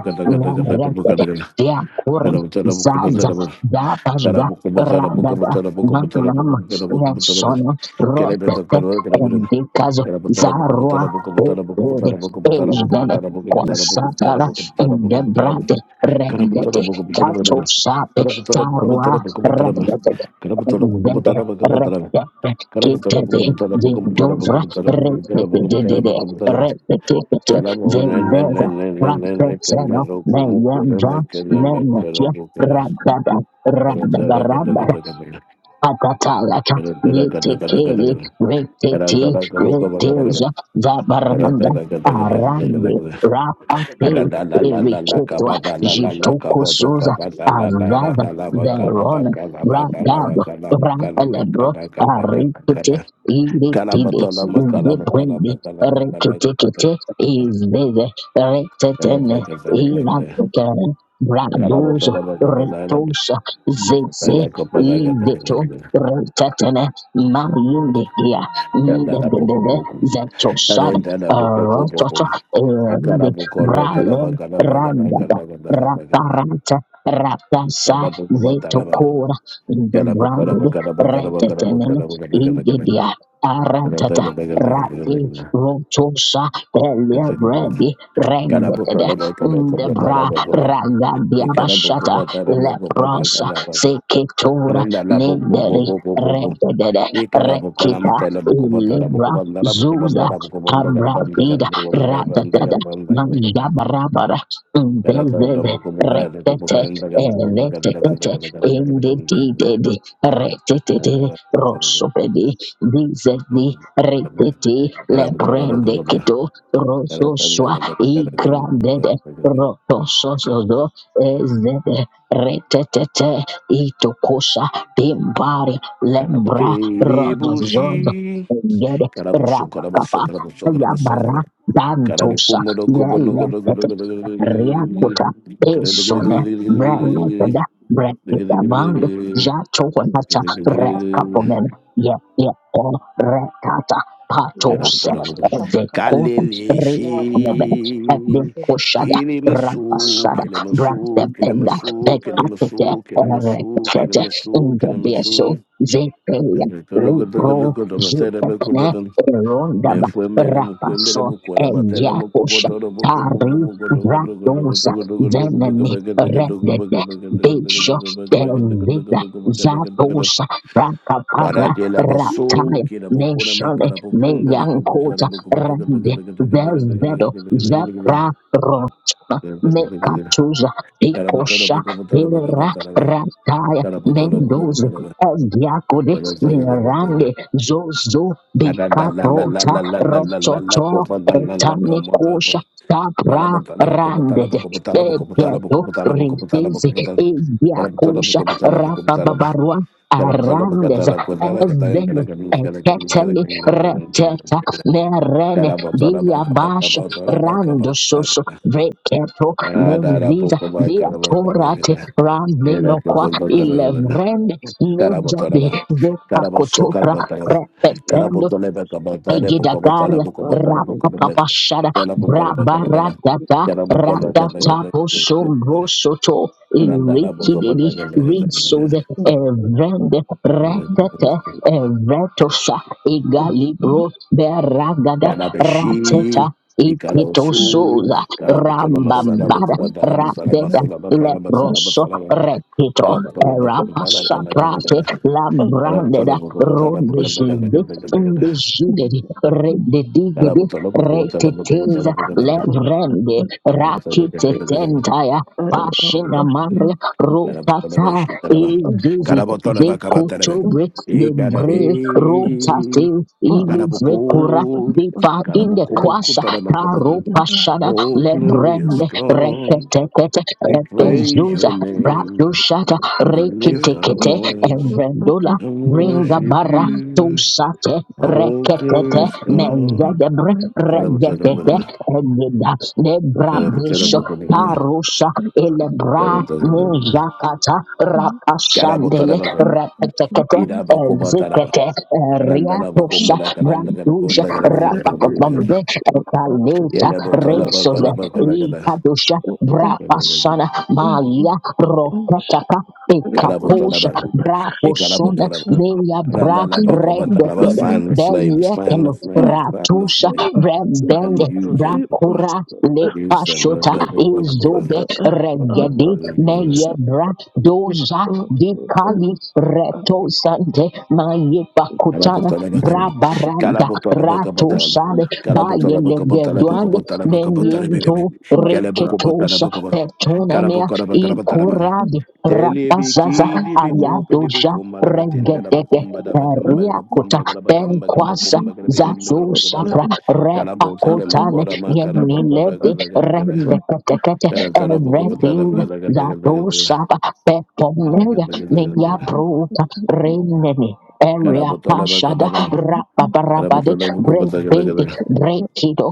nereked diakuren zaza dabazga radada Magnam, Nesona, Rotete, Endikazo, Zarua, Ede, Ejden, Consatara, Endebrate, Rendete, Kato sape tarua rabebe. Bebe rebe kitebe de dovra rebe de de de rebe kitebe Karabo de ne ne ne zeza ne ne ne ne franceteno kamero ne kumo kore yendra me kene ne me metia karabo kara rababa kara tara kara rababa kara kara Akatalata, kara tara kara kara Yetekele, kara kara kara Retete, tara kabo kaba kara kara Reteja, kara Zabarananda, tara kara kara kara kara Arande, kara Thank Rapate, ara la la la la la Eriketwa, kabata la la la Jitoko kaboto Soza, kabata la la la Azava, kala ba kala ba Verona, kala ba kala ba Ragado, kala ba kala ba Rapalebro, kala kala kala Arikete, kala kala Iretide, bato la ma kala ma kala ma Zebrende, kala ma kala kala Reketekete, Izeze, kala Retetene, kara kara Iratokere, kara Bradozo, kara kara Retosa, Zeze, Bala ko bala ka bala ka Ideto, bala ka. Retetele Mariinde here, Kanda na boko Ndebebebe boko. Zetoshad, Arenda na boko boko Rototo, boko. Akara the boko ba kara Brale, ba kara ba kara Randada, kara kara kara kara. Rataranta, Ratasa, Tara boko ba tara ba. Vetokora, the Kara ba tara brand ba kara ba kara ba kara ba kara Retetenen, ba kara kara kara kara. Ingedia, Kara ta Aratata. kara kara kara kara Rati Rotosa Pelia kara. Kara kara. Bredi Kara boko Rengeted la ba kara ko tara Ndebra ba ba. Ragadia Ikara boko Bashata ba tara ba ba Leprosa kara ba. Seketora. Arenda la boko boko Nendere boko boko. Rededede Rekita Ilibra Zuza Abradida Radadada Manjabarabara Ndezeze Retete Eletetete Inditidede Retetete Rosopedi Dizedi Retete Lebrende Kito Rososwa Igrandede Rotososozo Ezede Retetete Itokosa Timbari Lembra Rodozod Engede Rapakapa Yabara Dantusa Yelekete Riakuta Esone Brelepeda Brekita Band Kalelechi, Jato Wanata Rekapomen Ye Ye O Rekata Patose Evekota Re Mebet Ebin Koshada kilemasu, Rampasada Grant kilemasu, them in that kilemasu, they cut it kilemasu, kilemasu, and kilemasu, kilemasu. Ingebeso zepeya lepro zutepne rondaba rapaso egiakosha tari vratosa veneni redete besho telvida zatosa rakapara Barate la basso, rataya che la bocona manca neshale la profumba, ne capota la neyankota bocca potoka taka taka rende taka taka vevedo taka zepra taka rotuna taka taka taka taka. nekatuza Cara potola ikosha poco potola baka potola ba. pera Cara potola poco Mendoza, potola ba. Eliakode, Bara taka taka taka. Nerande, Zozo, Ada la la la la Bicaprota, la la la la la la Rototo, kopa la la la kamoda ba. Etanicosha, Cara Tabra, potola poco potola Randed, poco potola poco potola poco Begeto, potola poco potola poco Rindizi, potola. Cara potola Eliakosha, poco potola poco Rafa potola ba. Babarua, Cara potola baka Arandes, tala kota la kata kata Ezden, kata kata kata kata kata kata Eketeli, kata kata kata Reteta, kata kata. Nerene, Diabash, rando soso veketo neziza biatorate rameno kwa ilevrende nejabi zepakotopra Igidagari rapapapashada brabaradada you. ratatapushombrosoto irikididi risoze evrende retete evretosa igalibro beragada rateta Yanabashi, Ikalaosu, ikitosoza Karabotola Masala rambambada Bokuba Dalamu Salaba rabeda Solaba Salaba Salaba leproso Salaba rekito Kala butala baka butala kala kala erapasaprate kala. Kala butala lambrandeda baka butala baka baka rondezide baka baka baka. Mbejuderi, Kala rededigidi, butala baka butala baka butala reteteza, baka baka. levrende, Kala butala baka baka baka rakitetentaya, baka baka. pashinamare, Kala butala rotata, baka shitala baka. ezizi, Kala butala baka butala baka. vekotobre, Ikana be. debre, rotate, Kala buku. ilivrekura, vipa, Kala buku buku indekwasa, tala baka baka. karopashana, Oh, Thank glorious lebrende, God, repetekete, we praise repezuza, your name. bradushata, We lift our rekitekete, voice evrendola, and Bringa worship bara you. tusate Oh, reketete glorious God. mezedebre Karabotana regedete bogana. egida debra Karabotana bisho bogana. tarusha elebra Karabotana bogana. mujakata Karabotana rapashandele bogana. repetekete Ida, Bokoma, Tarabotarabogra, ezikete Brandusha karabotarabokobra, karabotarabokobra, karabotarabokobra, irabokobataraba, karandarabokombara, karandagarabonda, garabanda, garabanda, garabanda, Rapapapambe Kaleta yelebotaraba, Resos karabakaragada, Ikadusha Brapasana Malia Rokataka karabotaraba, Ekaposha Braposona ikarabotaraba, Meya Bra karandarabokobataraba. Redekede Find the flames, find the Beyekelo flames, find the Ratusha flames, brabende, and use them, Brakura use them. Lepashota Karabotana bogana. Izobe you. Regedi So Meyebra it Doza was a Dikali Thank Reto Sante Maye you. Pakutana fish Brabaranda Rato Sale Baye it, if Legeduande it is Meniendo what up Reketosa is Petona Mea Ikuradi Rapazaza on that Ayadoja Regedege person Riakota Penquasa and Zado so let Sapra me up on Repakotane it that it of Yenilede what it is Rendekete on that Eredi person Zadosa that it peponega is the Nega sun and Bruta that it is Renene Area Pashada a Rapaparabade Brebede Brekido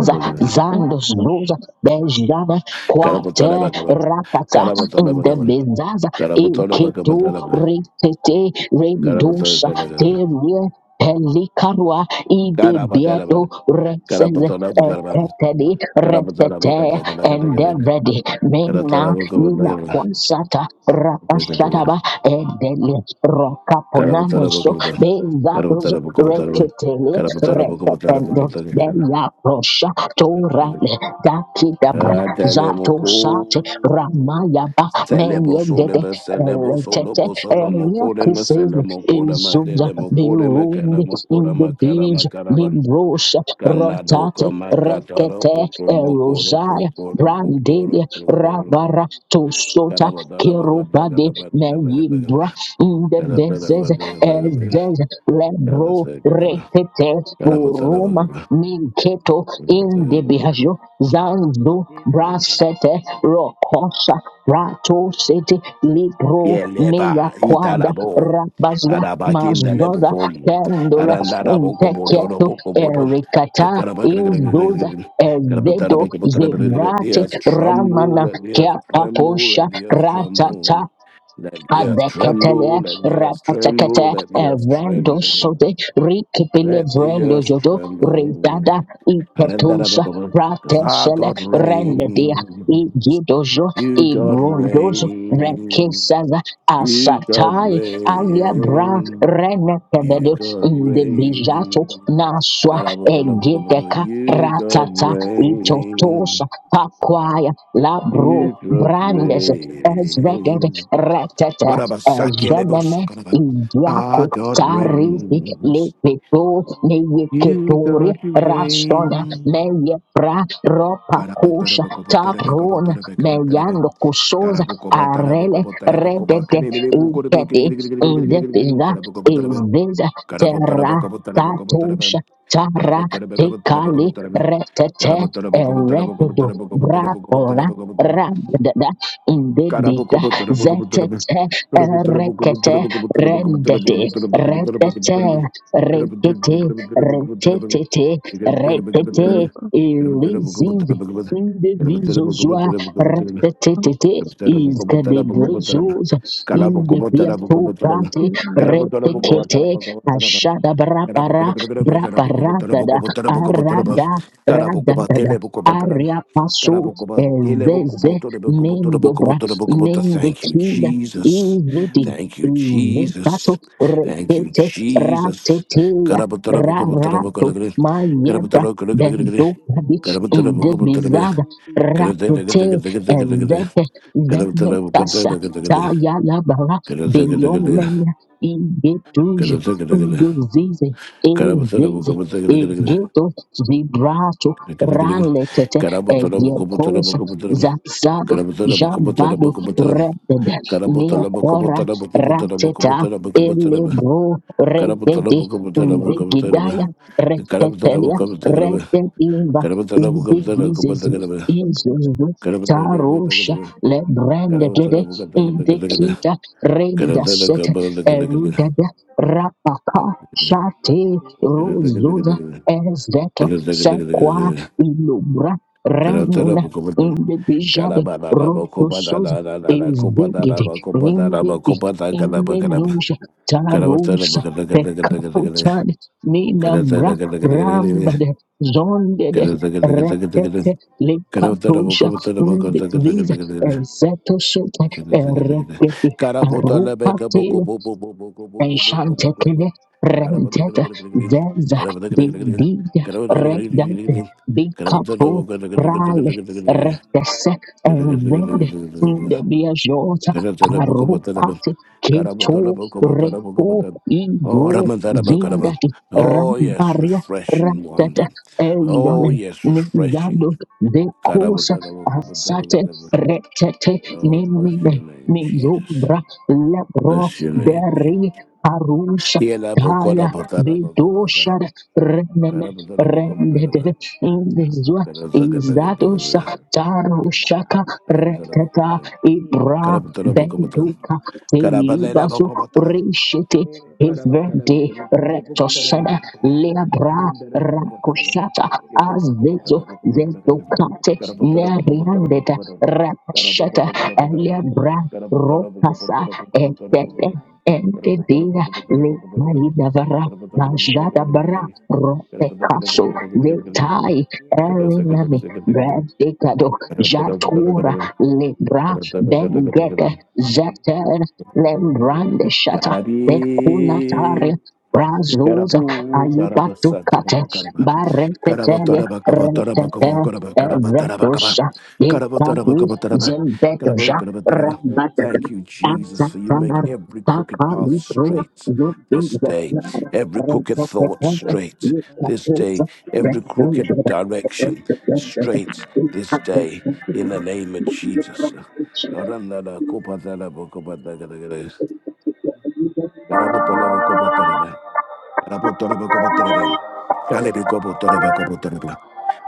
hot Zandos question Doza Bejana Karabotola Quate Bakaban, Rapata Karabotola in the Bakaban, Bezaza Karabotola Eketo Bakabotalaban, Retete Karabotola Rendosa Karagan, Teria Pelikarwa Ide Bieto Karabatalaban, Rexes Karabotola Bakaban, Eketedi Karabotola Retete Bakatakatakatakan, endevredi mena Karatala ila Bakabotalaban, konsata rapashadaba edele Karabotola rokaponamoso Bakabotan, bezados Karabotola Bakabotalaban, reketele Karabotola repependo Bakabotalaban, deya prosha torale dakidabra zato sate Atelemoko. ramayaba Celebo meyegede solebe celebo solo eletete Thank bosolo mokore me eliakises celemo kore me izuza delemo kore me birundi kelemo kore me indibij kele nimbrosha rotate Kanadoka Makatara rekete Poko Mokoro erosai Pokoro Pokoro brandelia Pokoro rabara tosota Karabadara Bagada kerubade Karabadara meyimbra Karabadara ndebezeze Bagada ezeze lebro Karabadara retete uruma Karabadara ninketo Bagada indebihajo zandu brasete rokosa rato sete libro meya Yeleba quada Italabo rabaza Arabakin the mazdoza Lepokom pendula Arandara Boko Botoro nteketo Boko Botom erikata Yes, tremble, izuza Ezedo let the zebrate earth tremble, ramana keapatosha let the earth ratata tremble. Let the earth Azeketelia tremble, let the earth tremble, Rapatakata let the earth Evrendo tremble, Sote Rikipile let the Vrendo earth Jodo tremble. Ridada Read that up, Ipetusa because our Pratesele God Rendedia reigns. Igidozo You God Ibrundozo reign. Rekisaza You God Asatai Alia Bra reign. You Renekevedo God Ndebijato reign. Naswa That I will tell the book of the- Egedeka You God Ratata Itotosa reign. Pakwa Kataya, Labro, You God Brandes, Ezveged, reign. Retete, Whatever, Sakelebos, Ezveneme, whatever. Our Indiako, God Taridi, reigns. Lepeto, You, Neyeketori, God, you Rastona, reign. Meyepra, Ropakusha, Taprona, Meyando Kusoza, Arele, Redede, Ikede, Indepiza, Izdiza, Terra, Tatosha, Tara Tikali retete eretudu brapora rabdada Carabo, indedida como tarabo, como tarabo. zetete Carabo, tarabo, erekete rendete retete to rekete retete retete hear about elizizi indivizozwa retetete your como izkadebrezos tarabo, indiviatopate being around us como retekete tarabo. Thank you, ashadabrapara braparadada arada radadada aria paso ezeze mendobra mendekinda Jesus. izedi Thank you, izetato Jesus. Thank you, retete Jesus. rateteya rarato mayebra bendo kabi inde indebizaza ratete ezete you. zenotasa Yarabashaka tayalabara beyomene idetuj indezize Igeto vibrato Karabutara raletete egekos zapsado jambado redede nekora rateta elebro redede and our ndigidaya question retetelia about rededimba indigizezi that. izuzu tarusha lebrendedede indikita rendasete erudede rapaka shate rozuza Erzeto Sequa Ilubra Remina Karabata Indibijade Rotosos Ezegede Nindidi Indenusha Tarusa Pekaputan Minamra Rambade Zondede Retete Lekapusha Indiziza ezeto Sota Eregedi Arupate Enchanted, rented, deza, did, redent, big couple, prale, retes, and red, in the biajota, arupati, keto, repo, Karabotorobokobotorobokobotan. Oh, indo, Ramandarabakaraban. zindati, Oh, yes, rambaria, refreshing wonder. that Oh, Elion yes, refreshing. Nizando de Kosa ya Ansate Karabatarabakobatarabakara. Retete Oh, umuntu bless your Nemine name, Jesus. Miyobra Lebro Bless your name. Jesus. Beri Arusha Kaya Yelabokorabatarabakabata. Bedoshar Renene Karabatarabakobataraba. Rendede ubuyaka aba Indizwa aba Izatosa Karabatarabakobataraba. uye uba Tarushaka aba uba aba Reteta Karabatarabakobataraba. Karabatarabakobataraba. Ibra basere bere Karabatarabakobataraba. Benduka Telibasu Karabatarabakobataraba. Rishete bere bere bere Everde bere bere Retosana ina Lebra uri Karabatarabakobataraba. basere Rakoshata bere Yeta poco ina potara Azeto poco basa poko poco poco. uri Zentokate Carapotara bashima poco potara uba poco Neriandeta poco. aba Carapoco Rakshata yara potara poco baya poco. uri Lebra Carapotara poco baya Rokasa potara poco potara poco uri poco. Etete baya uba baya Carapotara Entedea poco aba potara poco poco poco. Lekalidavara uba Carapotara aba poco potara Bajada poco poco Bara bere poco. bere Carapotara poco potara Rotekaso poco poco poco. Letai Carapotara poco potara Elinami poco poco poco. Bradekado bere Carapotara bere bere Jatura Lebra poco potara poco poco Thank poco. you. Bengete Zeter Lembrande Shata Bekunatare Karabi, Razuza Karabu, Karabasa, aibatukate Karabakaraba, bareketele Karabataraba, Kabataraba, retete Kabakaraba, Karabataraba, Kaba, eretosha Karabataraba, ikadu Kabataraba, Karaba, zembetosha Karabataraba. rabataga Thank you, Jesus, for you make atatanar every crooked path takalibro straight this day, yubizatar every crooked thought retetete straight this day, ikatuza every crooked retuja direction straight this day, in the name of Jesus. Oranda la copa de la boca pata que te querés. Carapoto la gres. Carabotola boca potereba. Carapoto la boca potereba. Calebi copo toreba copo tereba.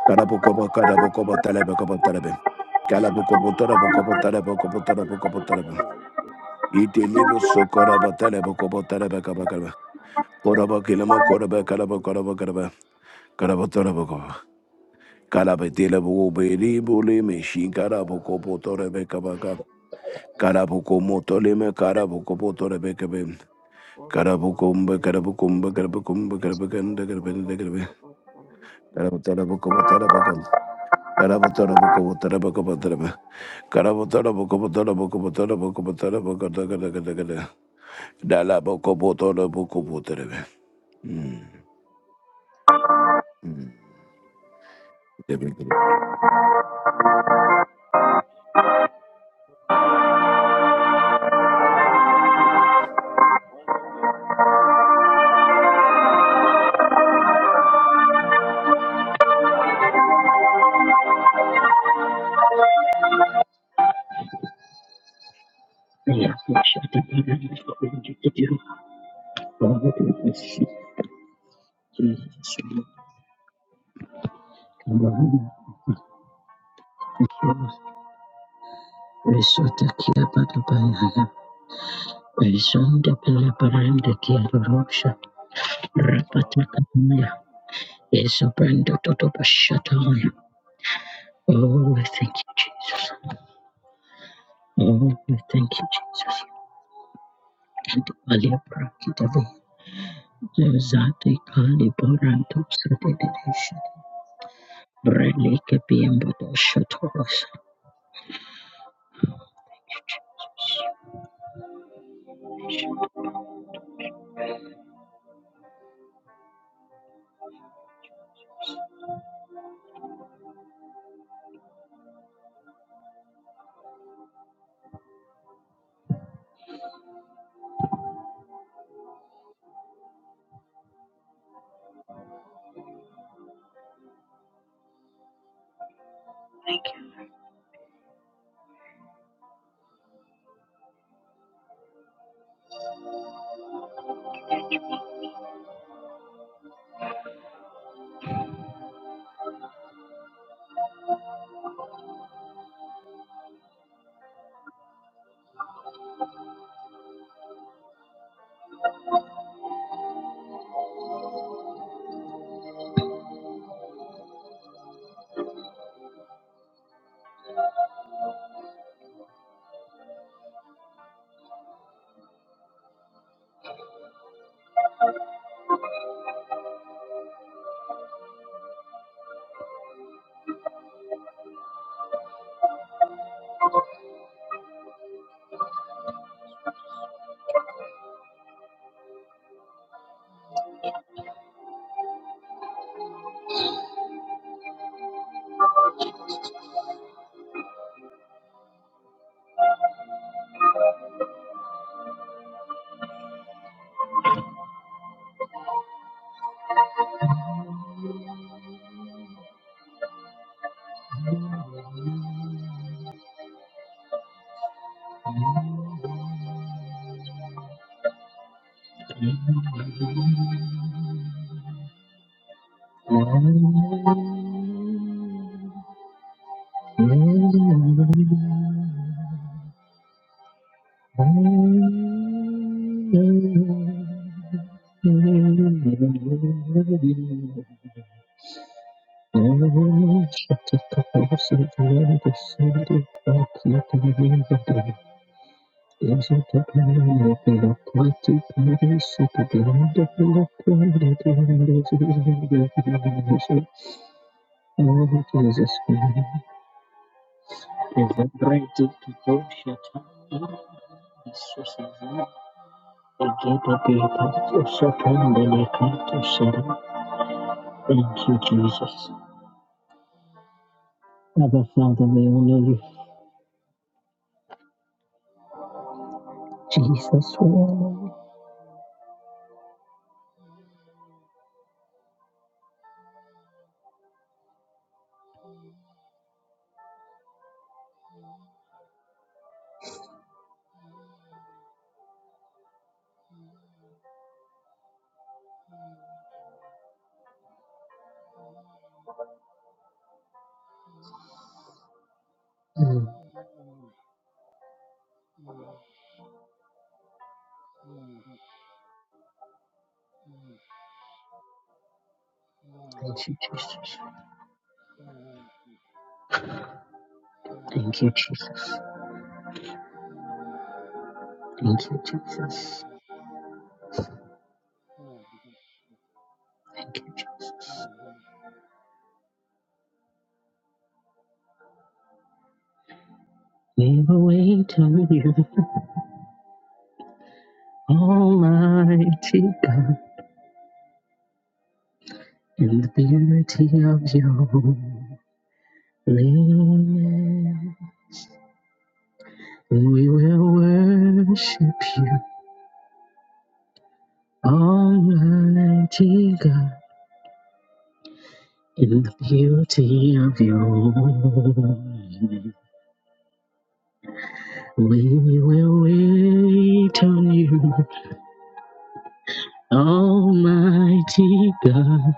Carapo copo carabo copo tereba copo tereba. Calabo copo torebo copo terebo copo torebo copo tereba. Y te libo socoraba terebo copo tereba capa calva. Coraba quilamo coraba carabo carabo caraba. Carabo torebo copo. Calabetila buberi bulime shin carabo copo torebe capaca. Carabuco motolime carabuco potorebe Karabukumba, karabukumba, karabukumba, karabaganda, karabanda, Alba karabanda. Alba Salama Karabutarabukubu, What about tarabagam. you? Karabutarabukubu, tarabakubu, What Mm, mm. about me? What about you? Jesus. Kabana Jesus Risota Kia Patapaya Risonda Pela Paranda Kia Rapata Kapaya Isobranda Totopa Shataya Oh we thank you Jesus Oh we thank you Jesus and Alia Prakitavi Zati Kali Boranto Sadidation Brele Kapiam Bodo Shatoros Oh, Jesus, Thank you, Jesus. Abba, Father, we honor you. Jesus, we honor you. Mm, Thank you, Jesus. you. Thank you, Jesus. Thank you, Jesus. Thank you, Jesus. We will wait on you, Almighty God, in the beauty of your holiness. We will worship you, Almighty God. In the beauty of your holiness, we will wait on you, Almighty God.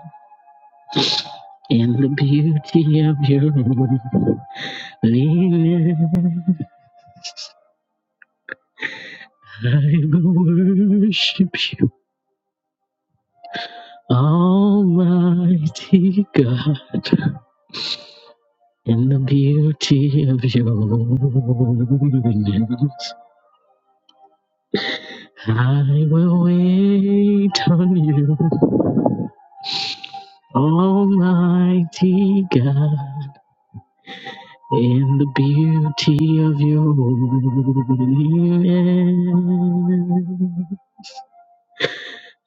In the beauty of your holiness, I will worship you, Almighty God. In the beauty of your holiness, I will wait on you. Almighty God, in the beauty of your holiness,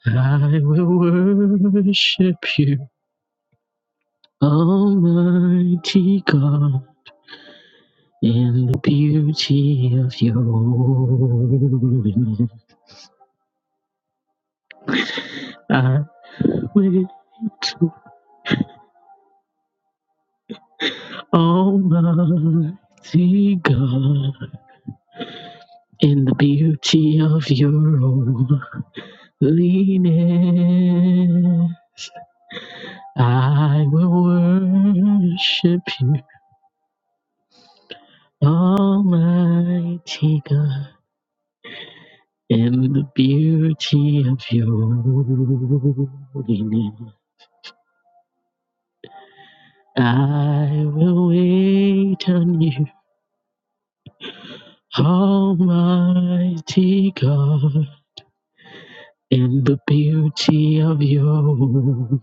I will worship you. Almighty God, in the beauty of your holiness, I will to Almighty God, in the beauty of your holiness. leaning. I will worship you, Almighty God, in the beauty of your holiness. I will wait on you, Almighty God, in the beauty of your holiness.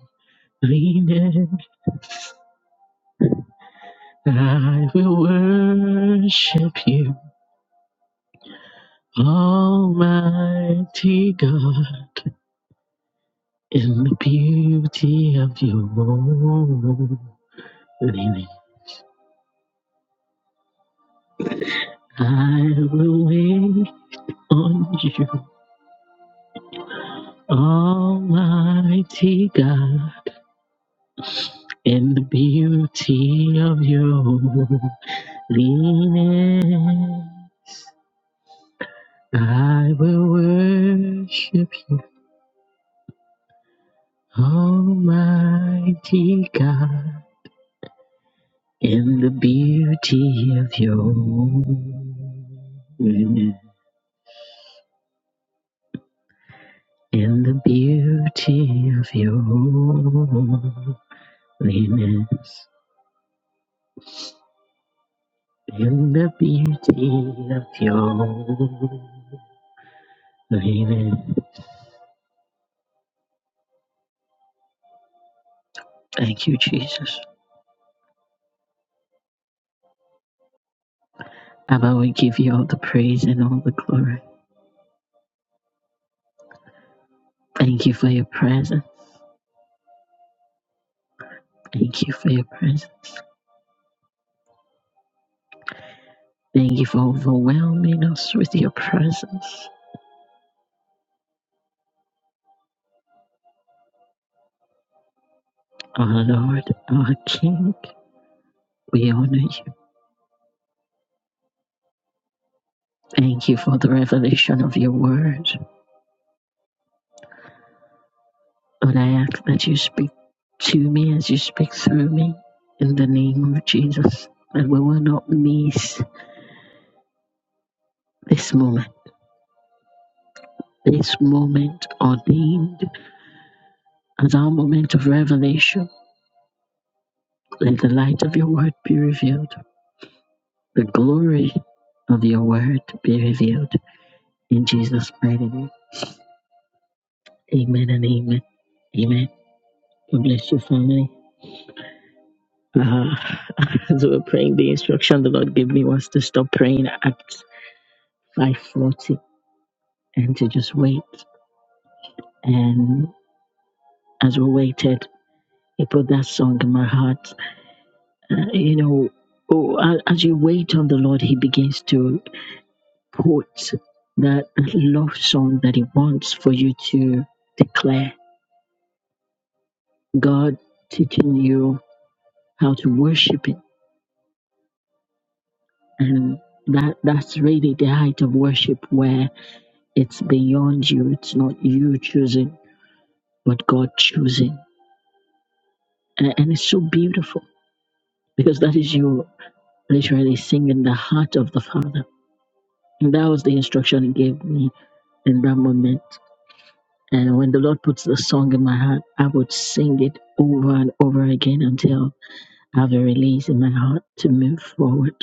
I will worship you. Almighty God, in the beauty of your holiness, I will wait on you. Almighty God, in the beauty of your holiness, I will worship you. Almighty God. in the beauty of your holiness, in the beauty of your holiness, in the beauty of your holiness. Thank you, Jesus. Abba, we give you all the praise and all the glory. Thank you for your presence. Thank you for your presence. Thank you for overwhelming us with your presence. Our Lord, our King, we honor you. Thank you for the revelation of your word. Lord, I ask that you speak to me as you speak through me in the name of Jesus, that we will not miss this moment, this moment ordained as our moment of revelation. Let the light of your word be revealed, the glory of your word be revealed. In Jesus' mighty name, amen and amen. Amen. God bless your family. Uh, [LAUGHS] as we were praying, the instruction the Lord gave me was to stop praying at 5:40 and to just wait. And as we waited, He put that song in my heart. Uh, you know, oh, a- as you wait on the Lord, He begins to put that love song that He wants for you to declare. God teaching you how to worship Him, and that that's really the height of worship, where It's beyond you. It's not you choosing, but God choosing. A- And it's so beautiful because that is you literally singing the heart of the Father. And that was the instruction He gave me in that moment. And when the Lord puts the song in my heart, I would sing it over and over again until I have a release in my heart to move forward.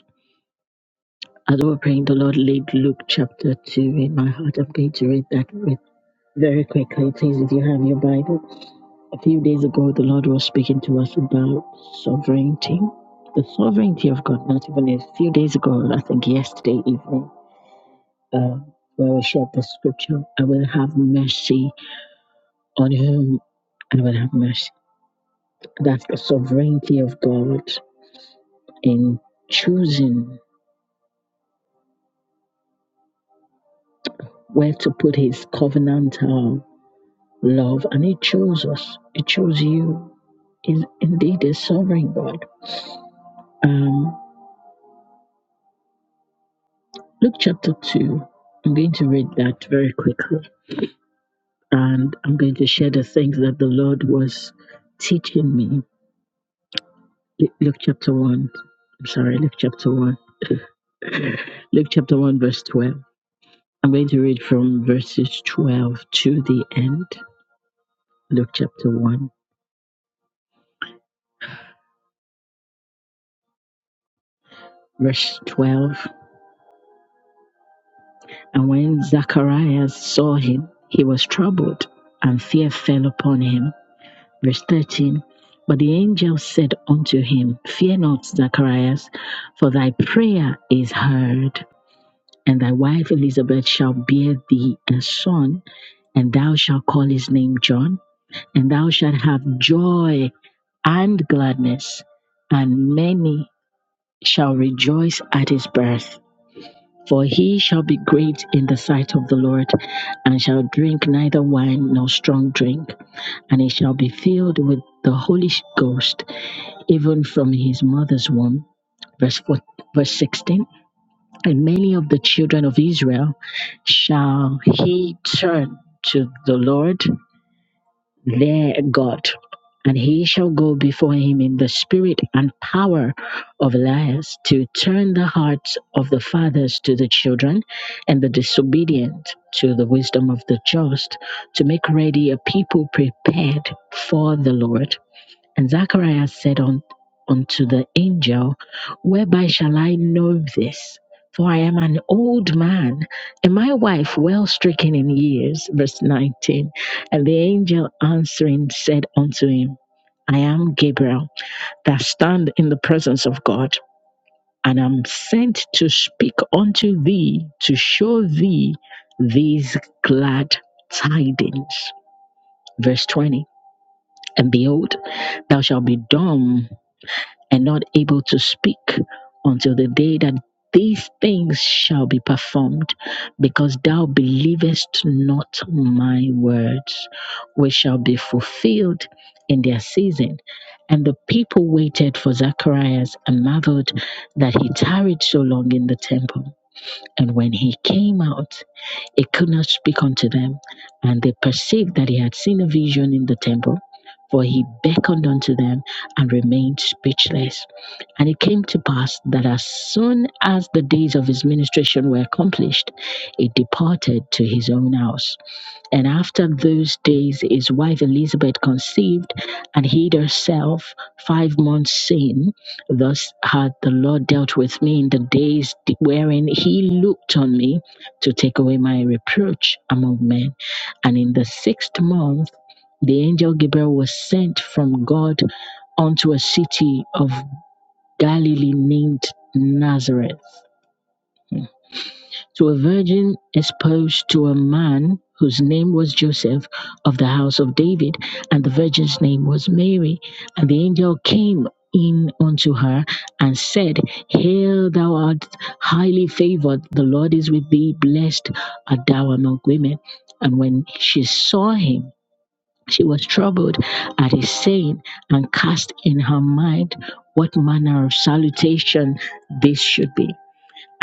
As we we're praying, the Lord laid Luke chapter 2 in my heart. I'm going to read that with very quickly, please, if you have your Bible. A few days ago, the Lord was speaking to us about sovereignty, the sovereignty of God. Not even a few days ago, I think yesterday evening, uh, where we shared the scripture, I will have mercy on whom I will have mercy. That's the sovereignty of God in choosing where to put his covenantal love. And he chose us, he chose you. Is indeed a sovereign God. Um, Luke chapter 2. I'm going to read that very quickly and I'm going to share the things that the Lord was teaching me. Luke chapter 1. I'm sorry, Luke chapter 1. Luke chapter 1, verse 12. I'm going to read from verses 12 to the end. Luke chapter 1, verse 12. And when Zacharias saw him, he was troubled, and fear fell upon him. Verse 13 But the angel said unto him, Fear not, Zacharias, for thy prayer is heard. And thy wife Elizabeth shall bear thee a son, and thou shalt call his name John, and thou shalt have joy and gladness, and many shall rejoice at his birth. For he shall be great in the sight of the Lord, and shall drink neither wine nor strong drink, and he shall be filled with the Holy Ghost even from his mother's womb. Verse, 4, verse 16 And many of the children of Israel shall he turn to the Lord their God, and he shall go before him in the spirit and power of Elias to turn the hearts of the fathers to the children and the disobedient to the wisdom of the just, to make ready a people prepared for the Lord. And Zacharias said un- unto the angel, Whereby shall I know this? For I am an old man, and my wife well stricken in years. Verse 19. And the angel answering said unto him, I am Gabriel, that stand in the presence of God, and am sent to speak unto thee, to show thee these glad tidings. Verse 20. And behold, thou shalt be dumb and not able to speak until the day that these things shall be performed, because thou believest not my words, which shall be fulfilled in their season. And the people waited for Zacharias and marveled that he tarried so long in the temple. And when he came out, he could not speak unto them. And they perceived that he had seen a vision in the temple, for he beckoned unto them and remained speechless. And it came to pass that as soon as the days of his ministration were accomplished, he departed to his own house. And after those days, his wife Elizabeth conceived and hid herself five months, saying, Thus hath the Lord dealt with me in the days wherein he looked on me to take away my reproach among men. And in the sixth month, the angel Gabriel was sent from God unto a city of Galilee named Nazareth to a virgin espoused to a man whose name was Joseph of the house of David, and the virgin's name was Mary. And the angel came in unto her and said, Hail, thou art highly favored, the Lord is with thee, blessed art thou among women. And when she saw him, she was troubled at his saying, and cast in her mind what manner of salutation this should be.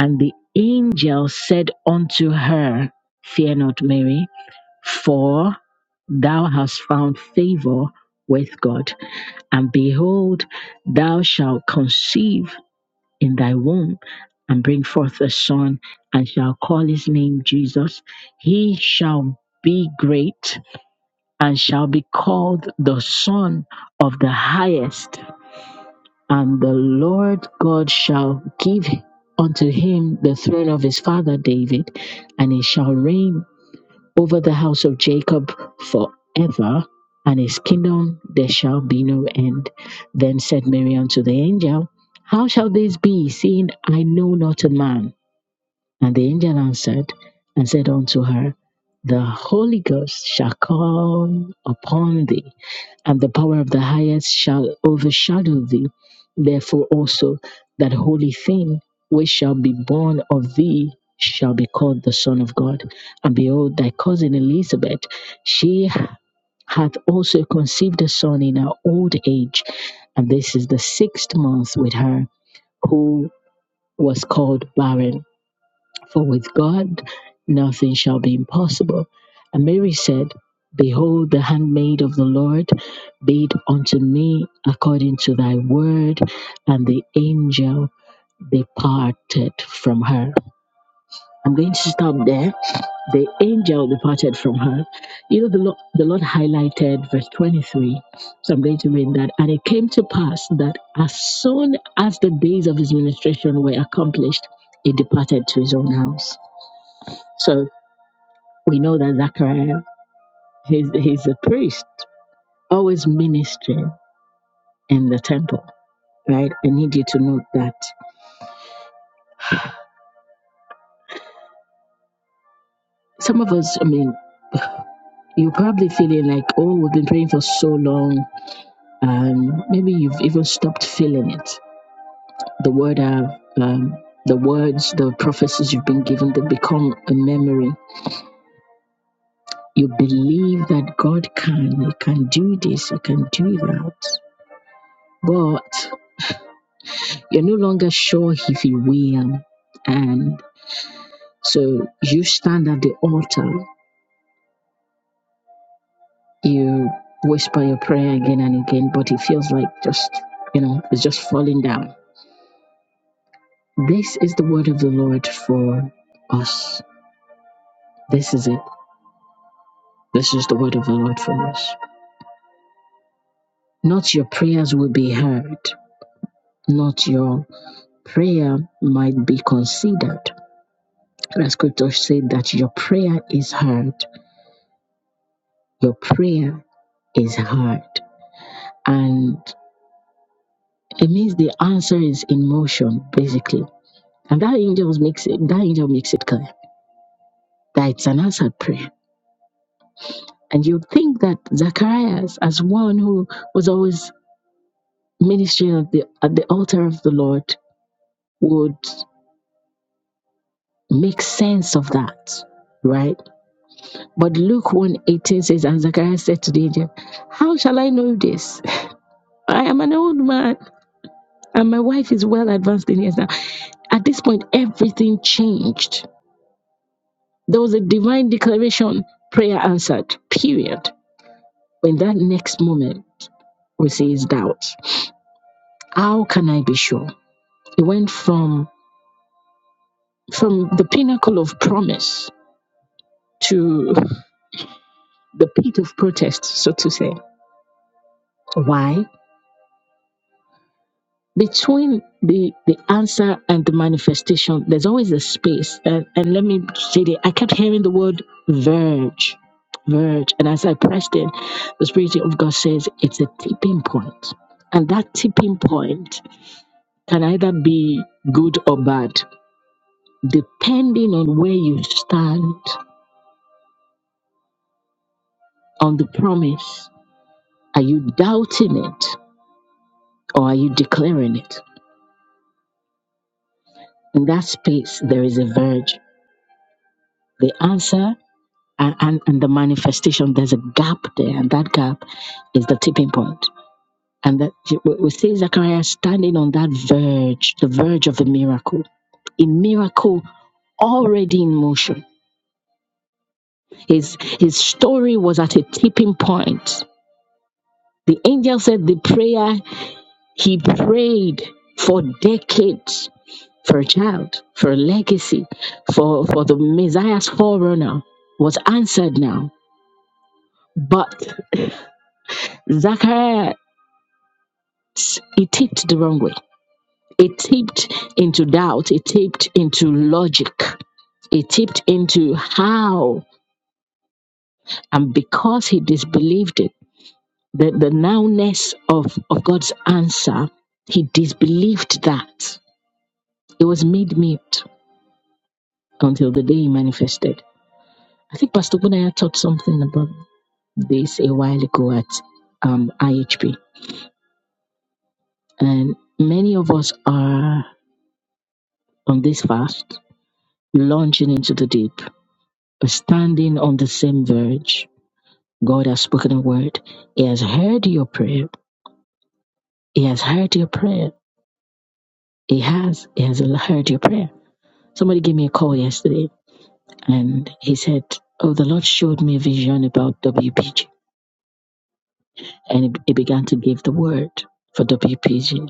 And the angel said unto her, Fear not, Mary, for thou hast found favor with God. And behold, thou shalt conceive in thy womb and bring forth a son, and shall call his name Jesus. He shall be great and shall be called the Son of the Highest. And the Lord God shall give unto him the throne of his father David, and he shall reign over the house of Jacob forever, and his kingdom there shall be no end. Then said Mary unto the angel, How shall this be, seeing I know not a man? And the angel answered and said unto her, The Holy Ghost shall come upon thee, and the power of the highest shall overshadow thee. Therefore also that holy thing which shall be born of thee shall be called the Son of God. And behold, thy cousin Elizabeth, she hath also conceived a son in her old age, and this is the sixth month with her who was called barren for with God nothing shall be impossible. And Mary said, Behold, the handmaid of the Lord, be it unto me according to thy word. And the angel departed from her. I'm going to stop there. The angel departed from her. You know, the Lord, the Lord highlighted verse 23. So I'm going to read that. And it came to pass that as soon as the days of his ministration were accomplished, he departed to his own house. So we know that Zachariah, he's, he's a priest, always ministering in the temple, right? I need you to note that. Some of us, I mean, you're probably feeling like, oh, we've been praying for so long. Um, maybe you've even stopped feeling it. The word have, um, the words, the prophecies you've been given, they become a memory. You believe that God can, He can do this, He can do that. But you're no longer sure if He will. and. So you stand at the altar, you whisper your prayer again and again, but it feels like just, you know, it's just falling down. This is the word of the Lord for us. This is it. This is the word of the Lord for us. Not your prayers will be heard, not your prayer might be considered. The scripture said that your prayer is heard. Your prayer is heard. And it means the answer is in motion, basically And that angel makes it that angel makes it clear that it's an answered prayer. And you'd think that Zacharias, as one who was always ministering at the at the altar of the Lord, would make sense of that, right? But Luke one eighteen says, And Zacharias said to the angel, How shall I know this? I am an old man, and my wife is well advanced in years now. At this point, everything changed. There was a divine declaration, prayer answered, period But in that next moment, we see his doubts. How can I be sure? He went from from the pinnacle of promise to the pit of protest, so to say. Why? Between the the answer and the manifestation, there's always a space. And and let me say that I kept hearing the word verge. Verge. And as I pressed in, the Spirit of God says it's a tipping point. And that tipping point can either be good or bad depending on where you stand on the promise. Are you doubting it or are you declaring it? In that space, there is a verge. The answer and, and, and the manifestation, there's a gap there, and that gap is the tipping point. And that we we see Zachariah standing on that verge, the verge of a miracle, a miracle already in motion. His his story was at a tipping point. The angel said the prayer He prayed for decades for a child, for a legacy, for, for the Messiah's forerunner was answered now. But Zachariah, it tipped the wrong way. It tipped into doubt. It tipped into logic. It tipped into how. And because he disbelieved it, the, the nowness of, of God's answer, he disbelieved that. It was made mute until the day he manifested. I think Pastor Bunaya taught something about this a while ago at um, IHP. And many of us are on this fast, launching into the deep, standing on the same verge. God has spoken a word. He has heard your prayer. He has heard your prayer. He has. He has heard your prayer. Somebody gave me a call yesterday and he said, Oh, the Lord showed me a vision about WPG. And he he began to give the word for WPG.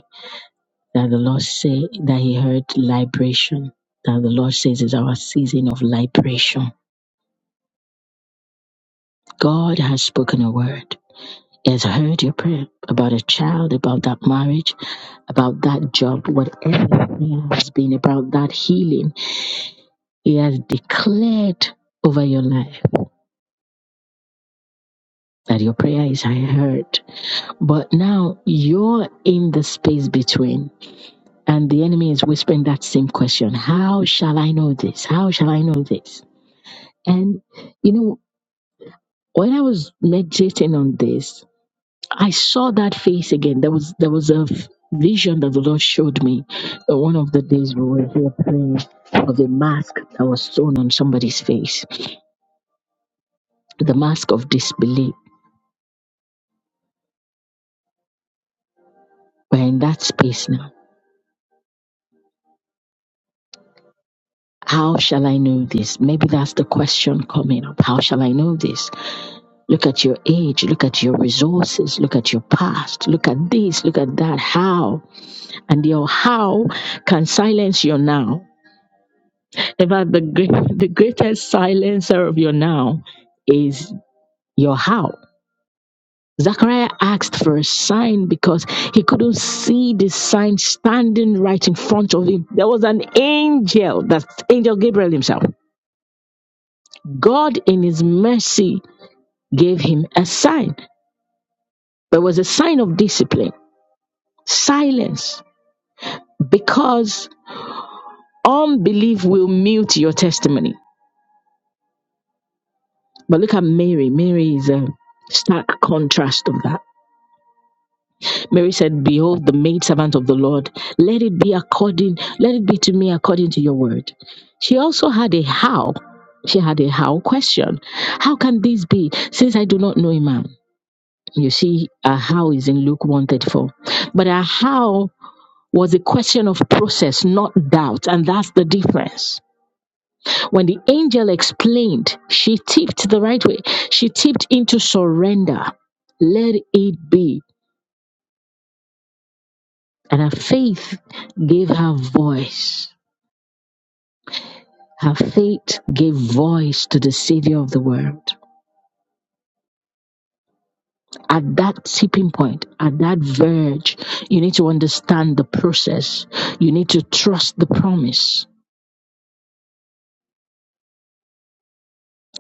that the Lord say that He heard liberation. That the Lord says is our season of liberation. God has spoken a word. He has heard your prayer about a child, about that marriage, about that job, whatever your prayer has been about that healing. He has declared over your life that your prayer is heard. But now you're in the space between, and the enemy is whispering that same question How shall I know this? How shall I know this? And you know When I was meditating on this, I saw that face again. There was there was a f- vision that the Lord showed me uh, one of the days we were here praying of a mask that was thrown on somebody's face, the mask of disbelief. We're in that space now. How shall I know this? Maybe that's the question coming up. How shall I know this? Look at your age, look at your resources, look at your past, look at this, look at that. How? And your how can silence your now Eva, the great, the greatest silencer of your now is your how. Zachariah asked for a sign because he couldn't see the sign standing right in front of him. There was an angel, that's angel Gabriel himself. God, in his mercy, gave him a sign. There was a sign of discipline, silence, because unbelief will mute your testimony. But look at Mary. Mary is a stark contrast of that Mary said, Behold, the maidservant of the Lord, let it be according, let it be to me according to your word. She also had a how. She had a how question. How can this be, since I do not know a man? You see, a how is in Luke 134. But a how was a question of process, not doubt, and that's the difference. When the angel explained, she tipped the right way. She tipped into surrender. Let it be. And her faith gave her voice. Her faith gave voice to the Savior of the world. At that tipping point, at that verge, you need to understand the process. You need to trust the promise.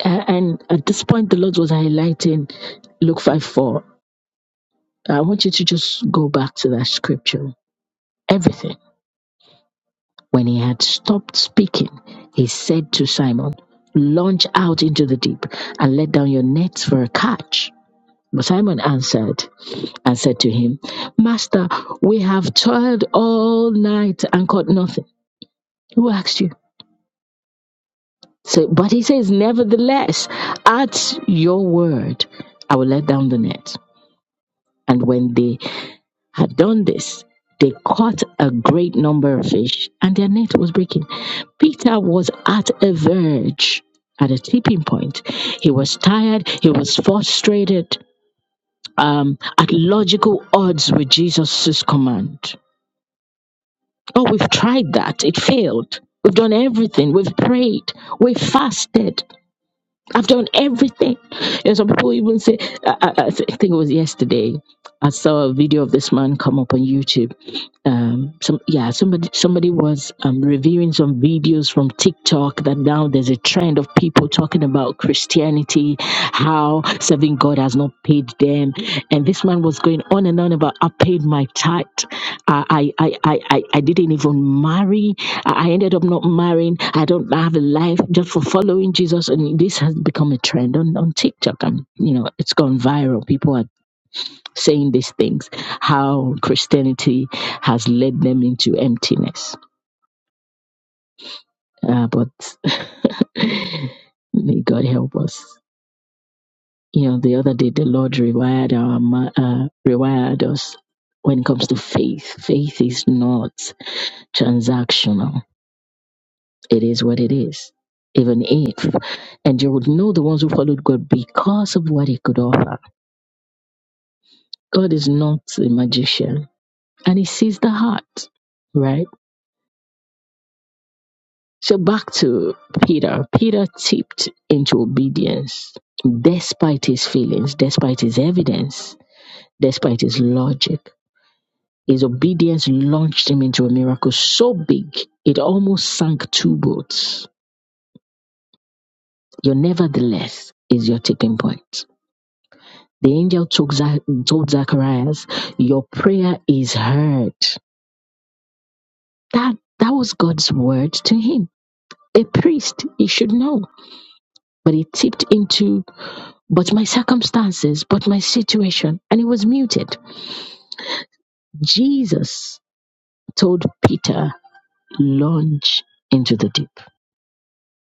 A- And at this point, the Lord was highlighting Luke 5 4. I want you to just go back to that scripture. Everything. When he had stopped speaking, he said to Simon, Launch out into the deep and let down your nets for a catch. But Simon answered and said to him, Master, we have toiled all night and caught nothing. Who asked you? So, but he says, Nevertheless, at your word, I will let down the net. And when they had done this, they caught a great number of fish and their net was breaking. Peter was at a verge, at a tipping point. He was tired, he was frustrated, um, at logical odds with Jesus' command. Oh, we've tried that. It failed. We've done everything. We've prayed. We've fasted. I've done everything. And some people even say, I, I, I thi- think it was yesterday, I saw a video of this man come up on YouTube. Um, some yeah, somebody somebody was um, reviewing some videos from TikTok that now there's a trend of people talking about Christianity, how serving God has not paid them, and this man was going on and on about I paid my tithe, I I I I, I I didn't even marry, I I ended up not marrying. I don't have a life just for following Jesus. And this has become a trend on, on TikTok. And, you know, it's gone viral. People are saying these things, how Christianity has led them into emptiness. Uh, but [LAUGHS] may God help us. You know, the other day, the Lord rewired, our, mi- uh, rewired us when it comes to faith. Faith is not transactional It is what it is. Even if, and you would know the ones who followed God because of what He could offer. God is not a magician and He sees the heart, right? So back to Peter. Peter tipped into obedience despite his feelings, despite his evidence, despite his logic. His obedience launched him into a miracle so big it almost sank two boats. Your nevertheless is your tipping point. The angel took Za- told Zacharias, Your prayer is heard. That, that was God's word to him. A priest, he should know. But he tipped into, but my circumstances, but my situation, and he was muted. Jesus told Peter, Launch into the deep.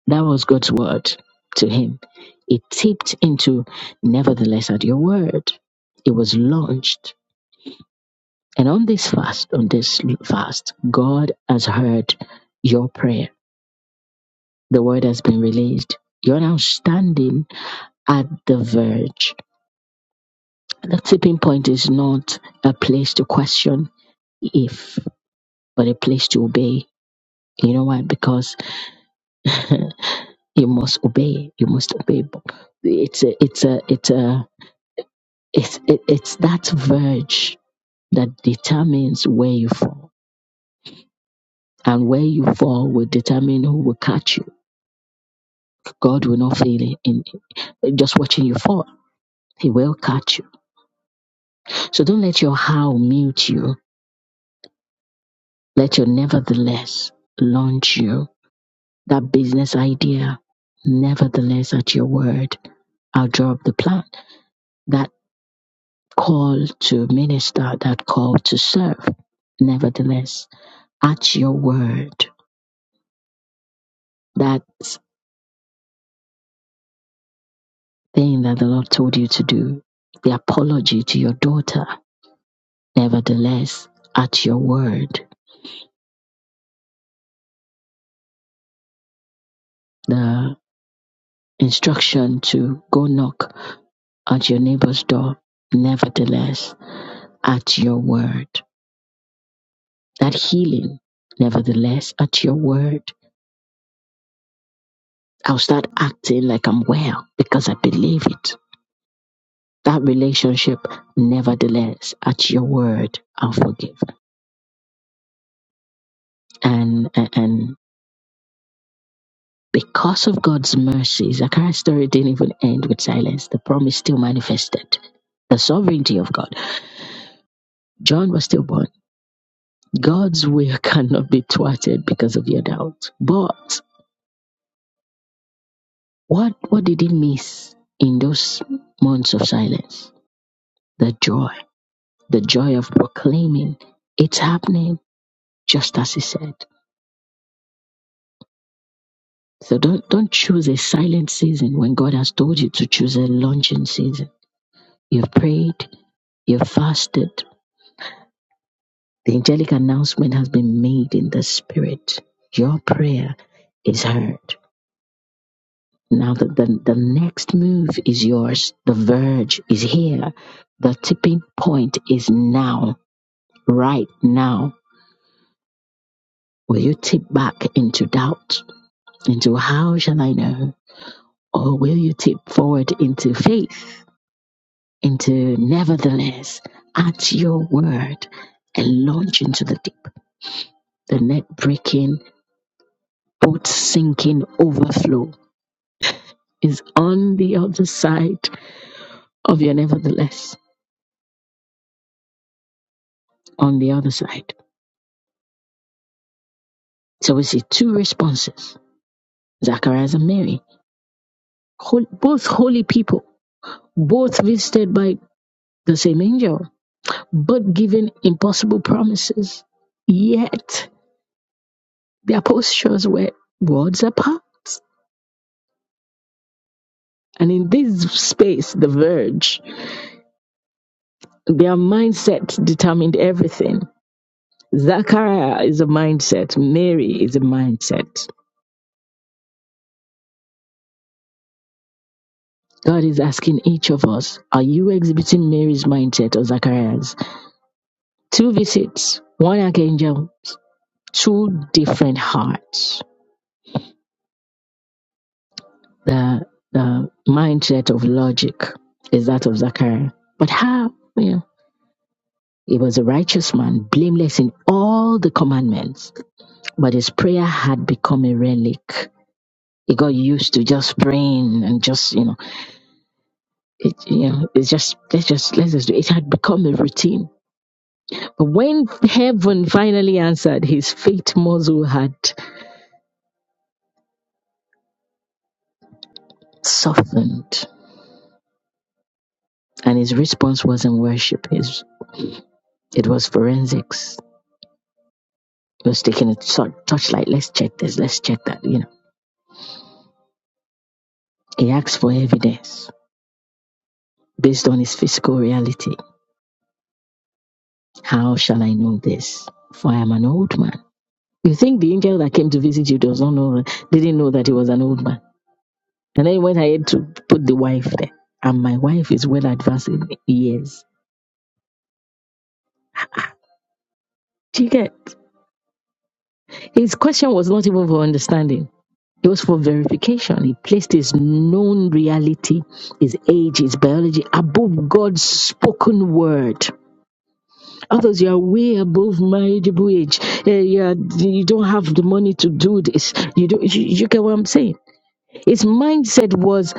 That was God's word to him. It tipped into, Nevertheless, at your word. It was launched And on this fast, on this fast, God has heard your prayer. The word has been released. You're now standing at the verge. The tipping point is not a place to question if, but a place to obey. You know why? Because [LAUGHS] you must obey. You must obey. It's a, it's a, it's a, it's, it, it's that verge that determines where you fall. And where you fall will determine who will catch you. God will not fail in, just watching you fall. He will catch you. So don't let your how mute you. Let your nevertheless launch you. That business idea, nevertheless, at your word, I'll draw up the plan. That call to minister, that call to serve, nevertheless, at your word, that thing that the Lord told you to do, the apology to your daughter, nevertheless, at your word, the instruction to go knock at your neighbor's door, nevertheless, at your word. That healing, nevertheless, at your word. I'll start acting like I'm well because I believe it. That relationship, nevertheless, at your word, I'll forgive. And, and, and because of God's mercy, Zachariah's story didn't even end with silence. The promise still manifested. The sovereignty of God. John was still born. God's will [LAUGHS] cannot be thwarted because of your doubt. But What what did he miss in those months of silence? The joy, the joy of proclaiming it's happening just as he said. So don't don't choose a silent season when God has told you to choose a launching season. You've prayed, you've fasted. The angelic announcement has been made in the spirit. Your prayer is heard. Now the, the, the next move is yours. The verge is here. The tipping point is now right now, will you tip back into doubt? Into how shall I know? Or will you tip forward into faith? Into nevertheless, at your word, and launch into the deep. The net breaking, boat sinking overflow is on the other side of your nevertheless, on the other side. So we see two responses Zacharias and Mary, hol- both holy people, both visited by the same angel but giving impossible promises. Yet their postures were words apart. And in this space, the verge, their mindset determined everything. Zachariah is a mindset, Mary is a mindset. God is asking each of us, are you exhibiting Mary's mindset or Zachariah's? Two visits, one archangel, two different hearts. The the mindset of logic is that of Zachariah. But how? You know, he was a righteous man, blameless in all the commandments, but his prayer had become a relic. He got used to just praying and just, you know, it, you know, it's just let's just let's just do. It It had become a routine. But when heaven finally answered, his faith muscle had softened, and his response wasn't worship. His it was forensics. He was taking a short torchlight. Let's check this. Let's check that. You know, he asks for evidence based on his physical reality. How shall I know this? For I am an old man. You think the angel that came to visit you does not know, didn't know that he was an old man? And then he went ahead to put the wife there. And my wife is well advanced in years. Do you get? His question was not even for understanding. It was for verification. He placed his known reality, his age, his biology above God's spoken word Others, you are way above marriageable age. Eh, you, are- you don't have the money to do this. You don't. You, you get what I'm saying? His mindset was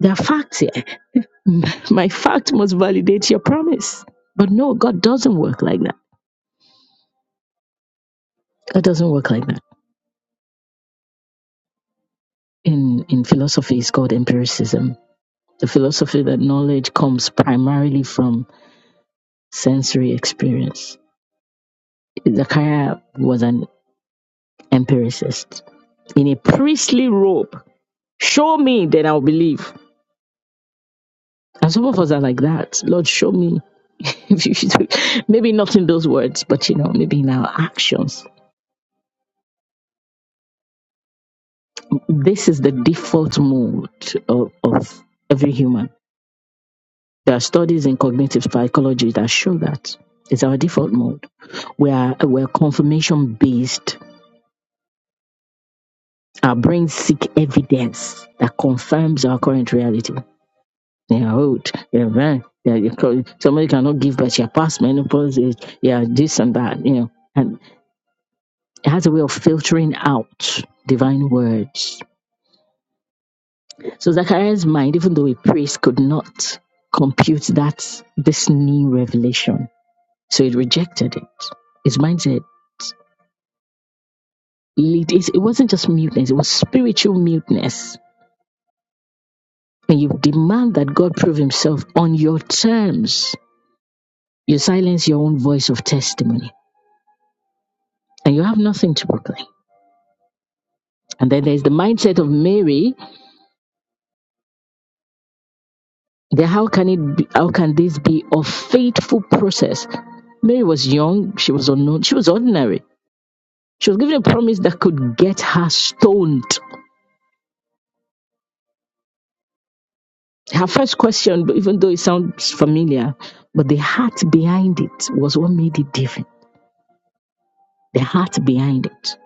the fact. eh, [LAUGHS] My fact must validate your promise. But no, God doesn't work like that. God doesn't work like that. In in philosophy, it's called empiricism. The philosophy that knowledge comes primarily from sensory experience. Zachariah was an empiricist in a priestly robe. Show me, then I'll believe. And some of us are like that. Lord, show me. [LAUGHS] If you should- maybe not in those words, but you know, maybe in our actions. This is the default mode of, of every human. There are studies in cognitive psychology that show that it's our default mode. We are we're confirmation based. Our brains seek evidence that confirms our current reality. You're old. You're man. You're, you're, somebody cannot give birth. You're past menopause age. You're this and that. You know. and. It has a way of filtering out divine words. So Zachariah's mind, even though he prays, could not compute that this new revelation. So it rejected it. His mind said, it wasn't just muteness, it was spiritual muteness. When you demand that God prove himself on your terms. You silence your own voice of testimony and you have nothing to proclaim. And then there's the mindset of Mary Then how can it be, how can this be a faithful process? Mary was young, she was unknown, she was ordinary. She was given a promise that could get her stoned. Her first question, even though it sounds familiar, but the heart behind it was what made it different. The heart behind it.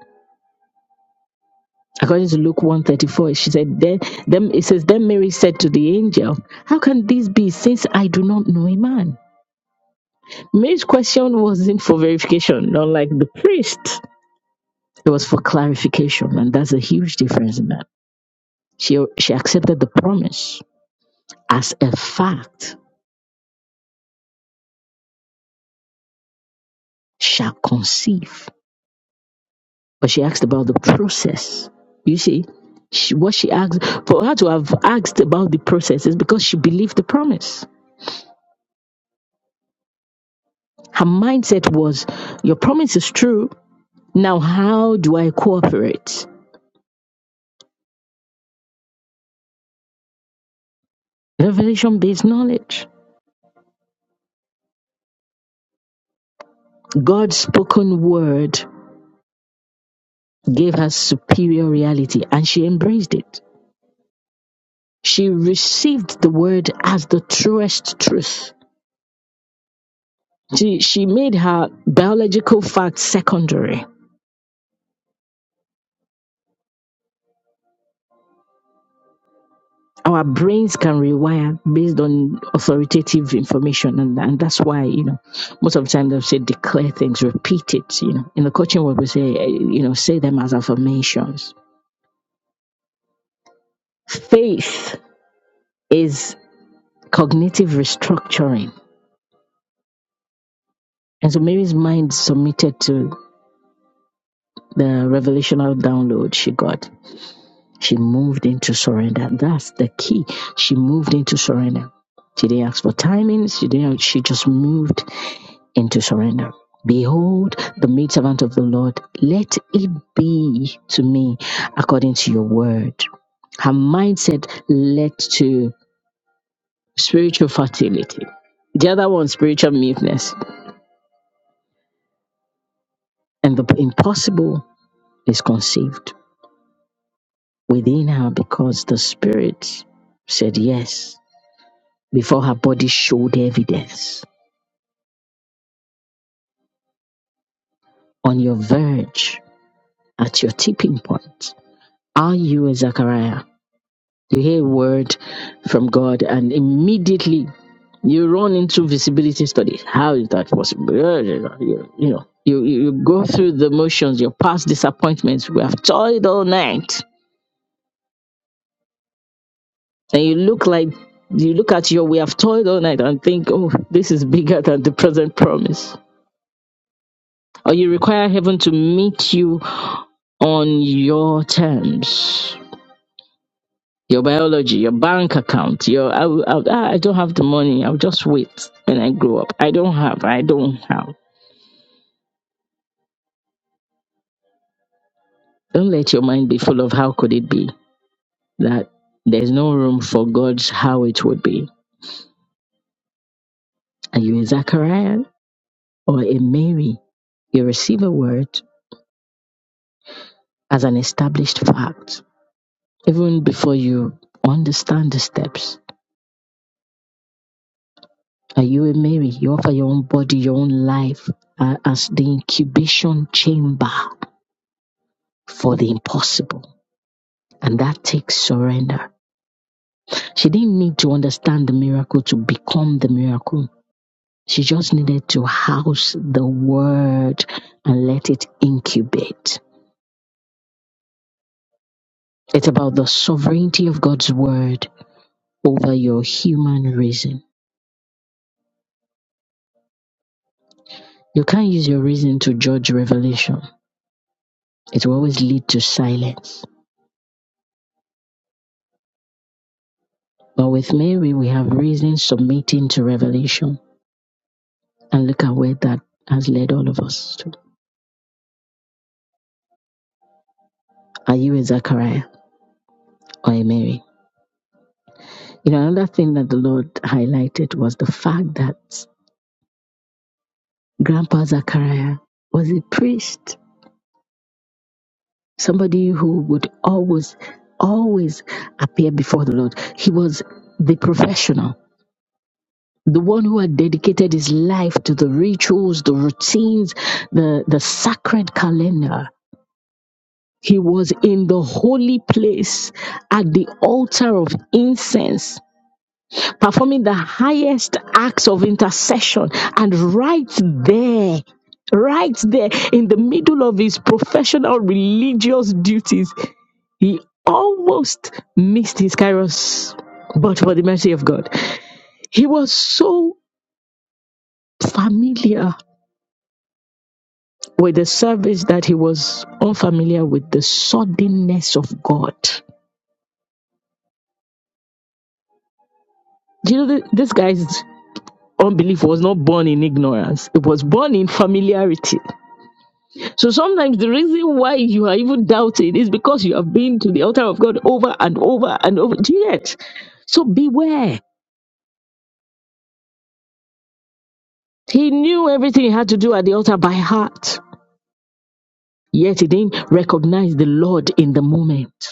According to Luke 134, she said, then, then it says, Then Mary said to the angel, How can this be since I do not know a man? Mary's question wasn't for verification, not like the priest. It was for clarification, and that's a huge difference in that. She, she accepted the promise as a fact, shall conceive. But she asked about the process. You see, she, what she asked, for her to have asked about the process is because she believed the promise. Her mindset was, Your promise is true. Now, how do I cooperate? Revelation based knowledge. God's spoken word gave her superior reality, and she embraced it. She received the word as the truest truth. She, she made her biological facts secondary. Our brains can rewire based on authoritative information, and, and that's why you know most of the time they'll say declare things, repeat it. You know, in the coaching world we say eh, you know say them as affirmations. Faith is cognitive restructuring, and so Mary's mind submitted to the revelational download she got She moved into surrender. That's the key. She moved into surrender. She didn't ask for timings. She didn't. She just moved into surrender. Behold, the maid servant of the Lord. Let it be to me according to your word. Her mindset led to spiritual fertility. The other one, spiritual meekness, and the impossible is conceived within her because the spirit said yes. before her body showed evidence. On your verge, at your tipping point, are you a Zachariah? You hear a word from God and immediately you run into visibility studies. How is that possible? You, you know, you you go through the motions, your past disappointments. We have toiled all night. And you look like, you look at your, we have toiled all night and think, oh, this is bigger than the present promise or you require heaven to meet you on your terms. Your biology, your bank account, your I, will- I, will- "Ah, I don't have the money. I'll just wait when I grow up. I don't have. I don't have. Don't let your mind be full of how could it be that there's no room for God's how it would be. Are you a Zachariah or a Mary? You receive a word as an established fact even before you understand the steps Are you a Mary? You offer your own body, your own life uh, as the incubation chamber for the impossible. And that takes surrender. She didn't need to understand the miracle to become the miracle. She just needed to house the word and let it incubate. It's about the sovereignty of God's word over your human reason. You can't use your reason to judge revelation. It will always lead to silence. But with Mary, we have reason submitting to revelation. And look at where that has led all of us to. Are you a Zachariah or a Mary? You know, another thing that the Lord highlighted was the fact that Grandpa Zachariah was a priest, somebody who would always, always appear before the Lord. He was the professional. The one who had dedicated his life to the rituals, the routines, the, the sacred calendar He was in the holy place at the altar of incense, performing the highest acts of intercession. And right there, right there, in the middle of his professional religious duties, he almost missed his Kairos. But for the mercy of God, he was so familiar with the service that he was unfamiliar with the suddenness of God. Do you know th- this guy? is unbelief was not born in ignorance, it was born in familiarity. So sometimes the reason why you are even doubting is because you have been to the altar of God over and over and over. Do you get? So beware. He knew everything he had to do at the altar by heart, yet he didn't recognize the Lord in the moment.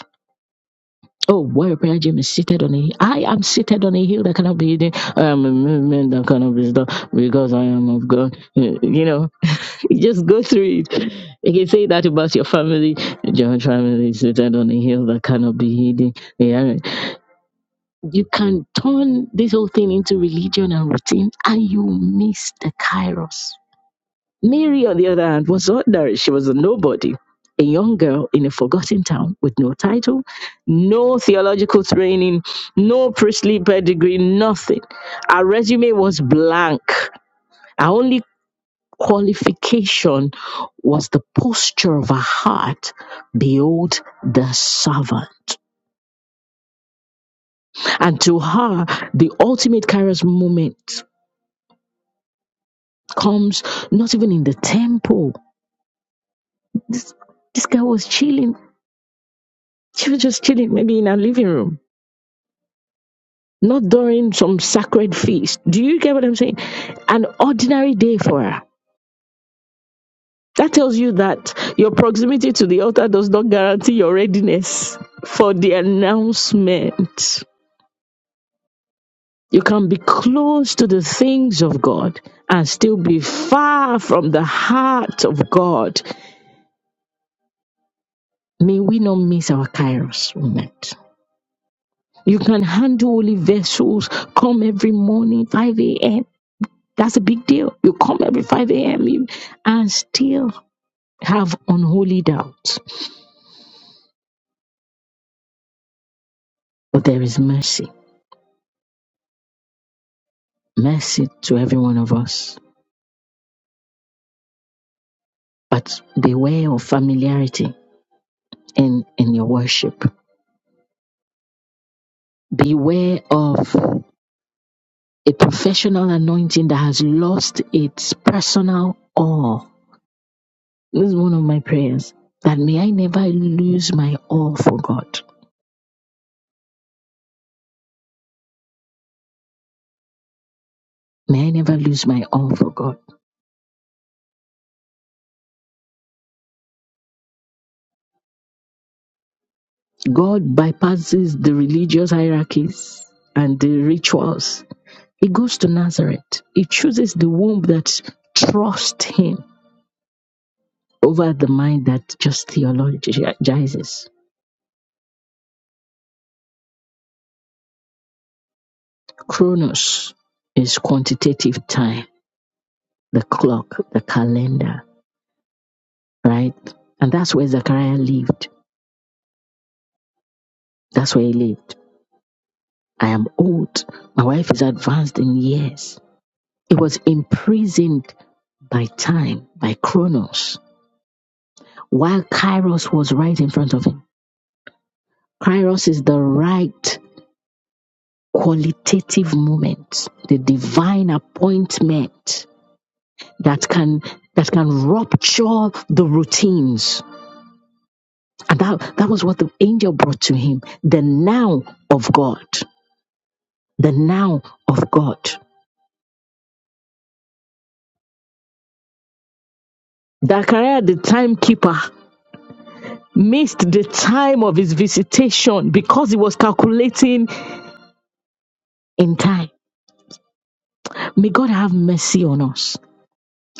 Oh, where prayer gym is seated on a hill. I am seated on a hill that cannot be hidden. I am a movement that cannot be stopped because I am of God. You know, [LAUGHS] just go through it. You can say that about your family. Your family is seated on a hill that cannot be hidden. Yeah. right. You can turn this whole thing into religion and routine, and you miss the kairos. Mary, on the other hand, was ordinary. She was a nobody, a young girl in a forgotten town with no title, no theological training, no priestly pedigree, nothing. Her resume was blank. Her only qualification was the posture of her heart. Behold the servant. And to her, the ultimate Kairos moment comes not even in the temple. This, this girl was chilling. She was just chilling, maybe in her living room not during some sacred feast. Do you get what I'm saying? An ordinary day for her. That tells you that your proximity to the altar does not guarantee your readiness for the announcement. You can be close to the things of God and still be far from the heart of God. May we not miss our Kairos moment. You can handle holy vessels, come every morning, 5 a.m. That's a big deal. You come every 5 a.m. you- and still have unholy doubts, but there is mercy, mercy to every one of us. But beware of familiarity in, in your worship. Beware of a professional anointing that has lost its personal awe. This is one of my prayers that may I never lose my awe for God. May I never lose my awe for God. God bypasses the religious hierarchies and the rituals He goes to Nazareth. He chooses the womb that trusts him over the mind that just theologizes. Chronos is quantitative time, the clock, the calendar, right? And that's where Zechariah lived. That's where he lived. I am old. My wife is advanced in years. He was imprisoned by time, by Chronos, while Kairos was right in front of him. Kairos is the right qualitative moment, the divine appointment that can that can rupture the routines. And that, that was what the angel brought to him, the now of God. The now of God. Zachariah, the timekeeper, missed the time of his visitation because he was calculating in time. May God have mercy on us.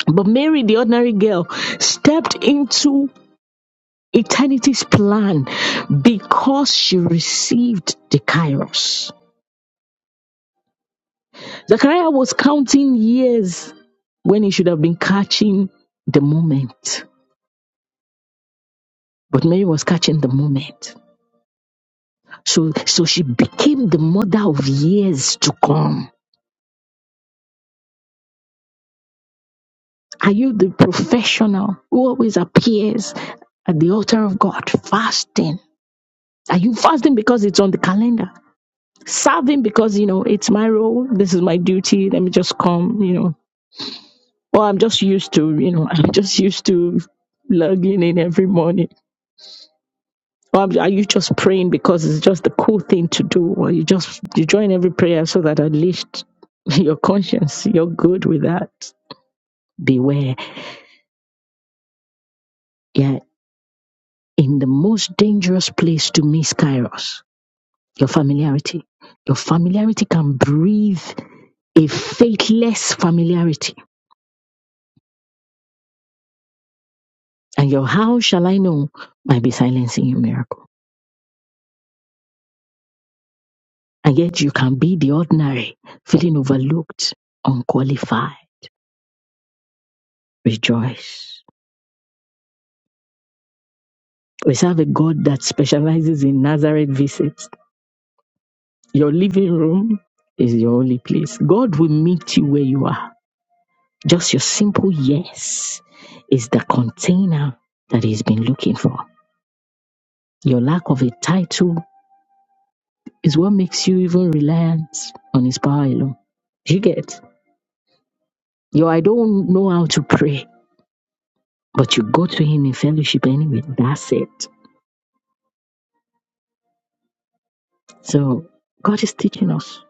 But Mary, the ordinary girl, stepped into eternity's plan because she received the kairos. Zechariah was counting years when he should have been catching the moment, but Mary was catching the moment. So, so she became the mother of years to come. Are you the professional who always appears at the altar of God fasting? Are you fasting because it's on the calendar? Serving because, you know, it's my role, this is my duty, let me just come, you know, Well, I'm just used to, you know, [LAUGHS] I'm just used to logging in every morning. Or I'm- are you just praying because it's just the cool thing to do? Or you just you join every prayer so that at least [LAUGHS] your conscience, you're good with that. Beware, Yeah, in the most dangerous place to miss Kairos, your familiarity. Your familiarity can breathe a faithless familiarity. And your how shall I know might be silencing your miracle. And yet you can be the ordinary, feeling overlooked, unqualified. Rejoice. We serve a God that specializes in Nazareth visits. Your living room is your only place. God will meet you where you are. Just your simple yes is the container that He's been looking for. Your lack of a title is what makes you even reliant on His power alone. You get your I don't know how to pray, but you go to Him in fellowship anyway. That's it. So God is teaching us.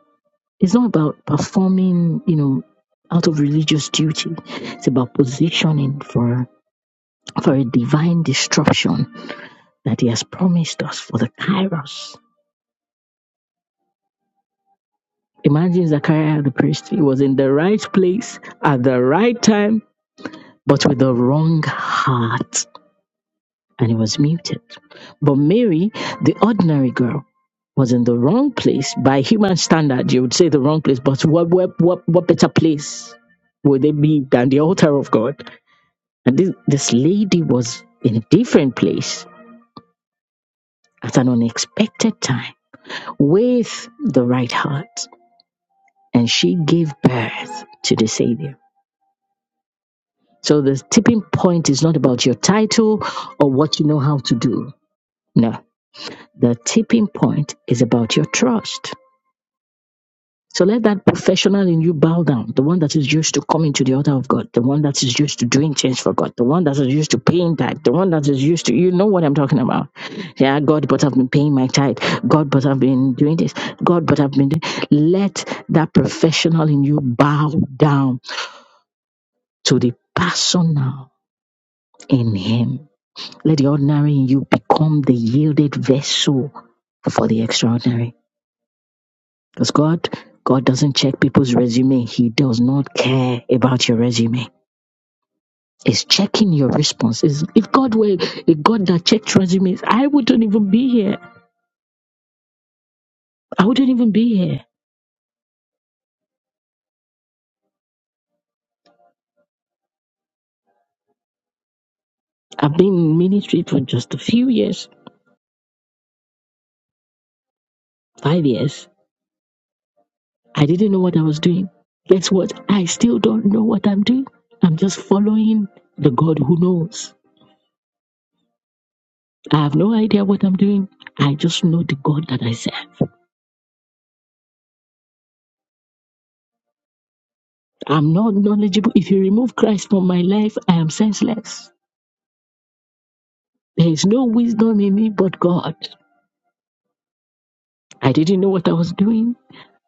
It's not about performing, you know, out of religious duty. It's about positioning for for a divine disruption that He has promised us for the Kairos. Imagine Zachariah the priest. He was in the right place at the right time, but with the wrong heart. and he was muted. But Mary, the ordinary girl, was in the wrong place. By human standard, you would say the wrong place, but what what what, what better place would they be than the altar of God? And this this lady was in a different place at an unexpected time with the right heart. And she gave birth to the Savior. So the tipping point is not about your title or what you know how to do. No. The tipping point is about your trust. So let that professional in you bow down, the one that is used to coming to the altar of God, the one that is used to doing things for God, the one that is used to paying tithe, the one that is used to, you know what I'm talking about. Yeah, God, but I've been paying my tithe. God, but I've been doing this. God, but I've been doing. Let that professional in you bow down to the personal in Him. Let the ordinary in you become the yielded vessel for the extraordinary. Because God, God doesn't check people's resume. He does not care about your resume. It's checking your responses. If God were a God that checked resumes, I wouldn't even be here. I wouldn't even be here. I've been in ministry for just a few years, five years. I didn't know what I was doing. Guess what? I still don't know what I'm doing. I'm just following the God who knows. I have no idea what I'm doing. I just know the God that I serve. I'm not knowledgeable. If you remove Christ from my life, I am senseless. There is no wisdom in me but God. I didn't know what I was doing.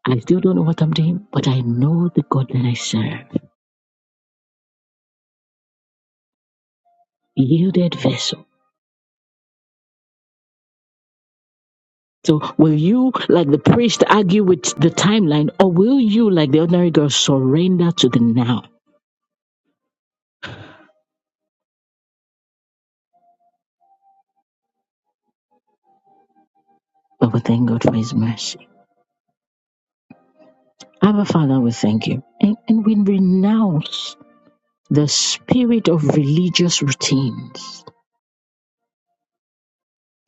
I still don't know what I'm doing, but I know the God that I serve. Yielded vessel. So will you, like the priest, argue with the timeline, or will you, like the ordinary girl, surrender to the now? But we thank God for his mercy. Our Father, we thank you. And, and we renounce the spirit of religious routines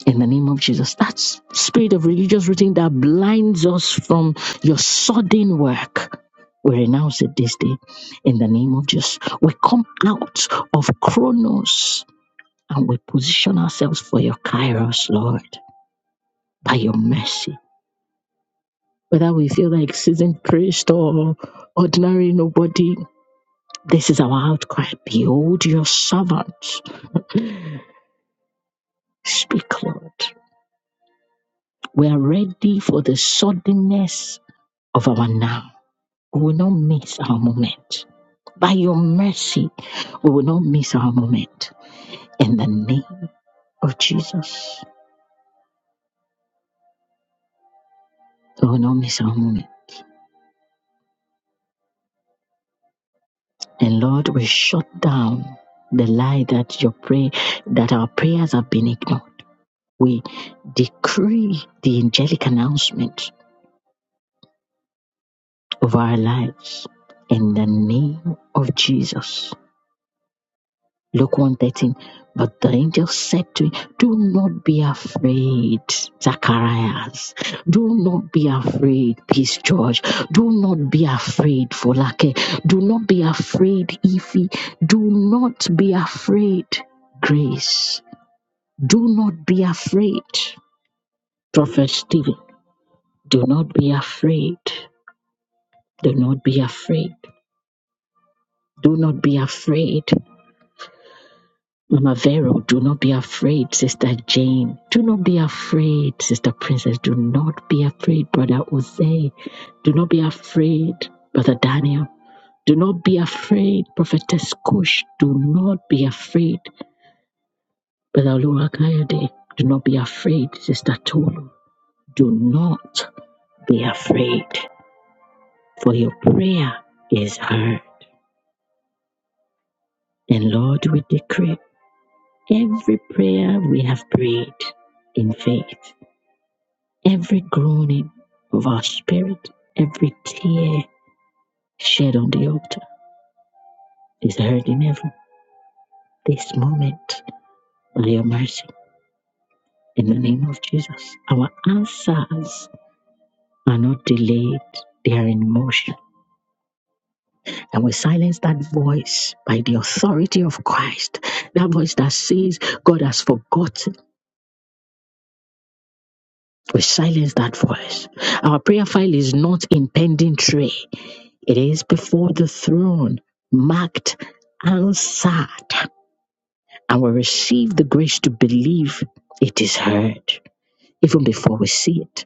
in the name of Jesus. That s- spirit of religious routine that blinds us from your sudden work. We renounce it this day in the name of Jesus. We come out of Chronos and we position ourselves for your Kairos, Lord, by your mercy. Whether we feel like seasoned priest or ordinary nobody, this is our outcry. Behold your servant. Speak, Lord. We are ready for the suddenness of our now We will not miss our moment. By your mercy, we will not miss our moment. In the name of Jesus, we will not miss our moment. And Lord, we shut down the lie that your pray that our prayers have been ignored. We decree the angelic announcement of our lives in the name of Jesus. Luke 113. But the angel said to him, Do not be afraid, Zacharias. Do not be afraid, Peace George. Do not be afraid, Folake. Do not be afraid, Ify. Do not be afraid, Grace. Do not be afraid, Prophet Stephen. Do not be afraid. Do not be afraid. Do not be afraid. Mama Vero, do not be afraid, Sister Jane. Do not be afraid, Sister Princess. Do not be afraid, Brother Jose. Do not be afraid, Brother Daniel. Do not be afraid, Prophetess Kush. Do not be afraid, Brother Oluwakayode. Do not be afraid, Sister Tolu. Do not be afraid, for your prayer is heard. And Lord, we decree every prayer we have prayed in faith every groaning of our spirit, every tear shed on the altar is heard in heaven this moment by your mercy in the name of Jesus. Our answers are not delayed, they are in motion. And we silence that voice by the authority of Christ, that voice that says God has forgotten. We silence that voice. Our prayer file is not in pending tray, it is before the throne, marked answered. and we receive the grace to believe it is heard even before we see it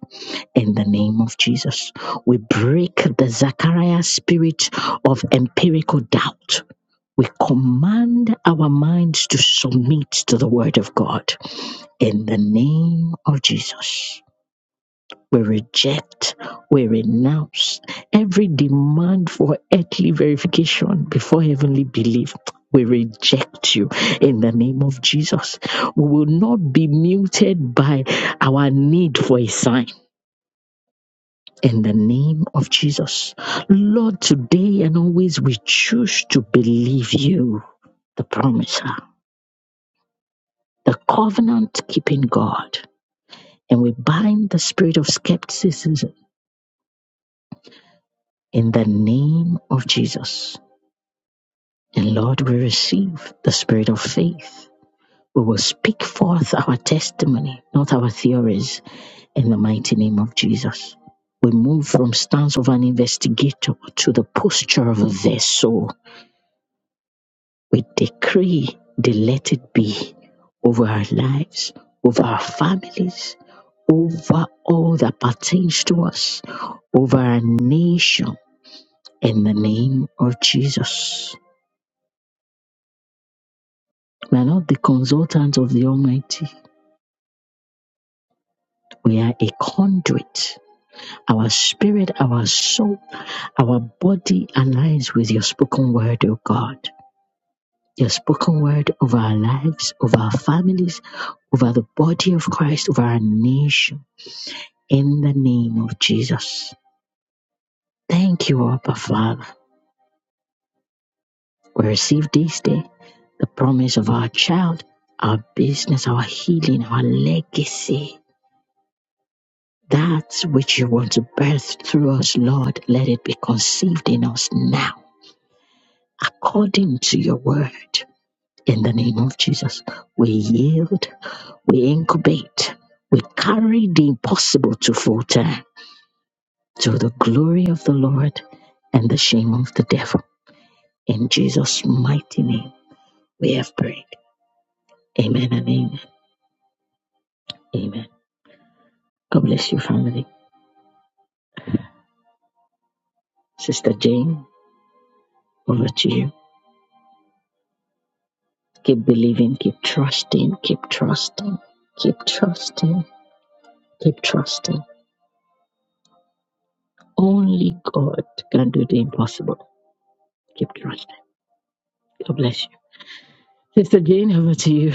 in the name of Jesus. We break the Zachariah spirit of empirical doubt. We command our minds to submit to the word of God in the name of Jesus we reject, we renounce every demand for earthly verification before heavenly belief. We reject you in the name of Jesus. We will not be muted by our need for a sign in the name of Jesus. Lord, today and always we choose to believe you, the promiser, the covenant keeping God. And we bind the spirit of skepticism in the name of Jesus. And Lord, we receive the spirit of faith. We will speak forth our testimony, not our theories, in the mighty name of Jesus. We move from stance of an investigator to the posture of a vessel. We decree the let it be over our lives, over our families, over all that pertains to us, over our nation, in the name of Jesus. We are not the consultants of the Almighty. We are a conduit. Our spirit, our soul, our body aligns with your spoken word, O God. Your spoken word over our lives, over our families, over the body of Christ, over our nation, in the name of Jesus. Thank you, Abba Father. We receive this day the promise of our child, our business, our healing, our legacy. That which you want to birth through us, Lord, let it be conceived in us now according to your word. In the name of Jesus, we yield, we incubate, we carry the impossible to full term to the glory of the Lord and the shame of the devil. In Jesus' mighty name, we have prayed. Amen and amen. Amen. God bless you, family. Sister Jane, over to you. Keep believing, keep trusting, keep trusting, keep trusting, keep trusting. Only God can do the impossible. Keep trusting. God bless you. Sister Jane, over to you.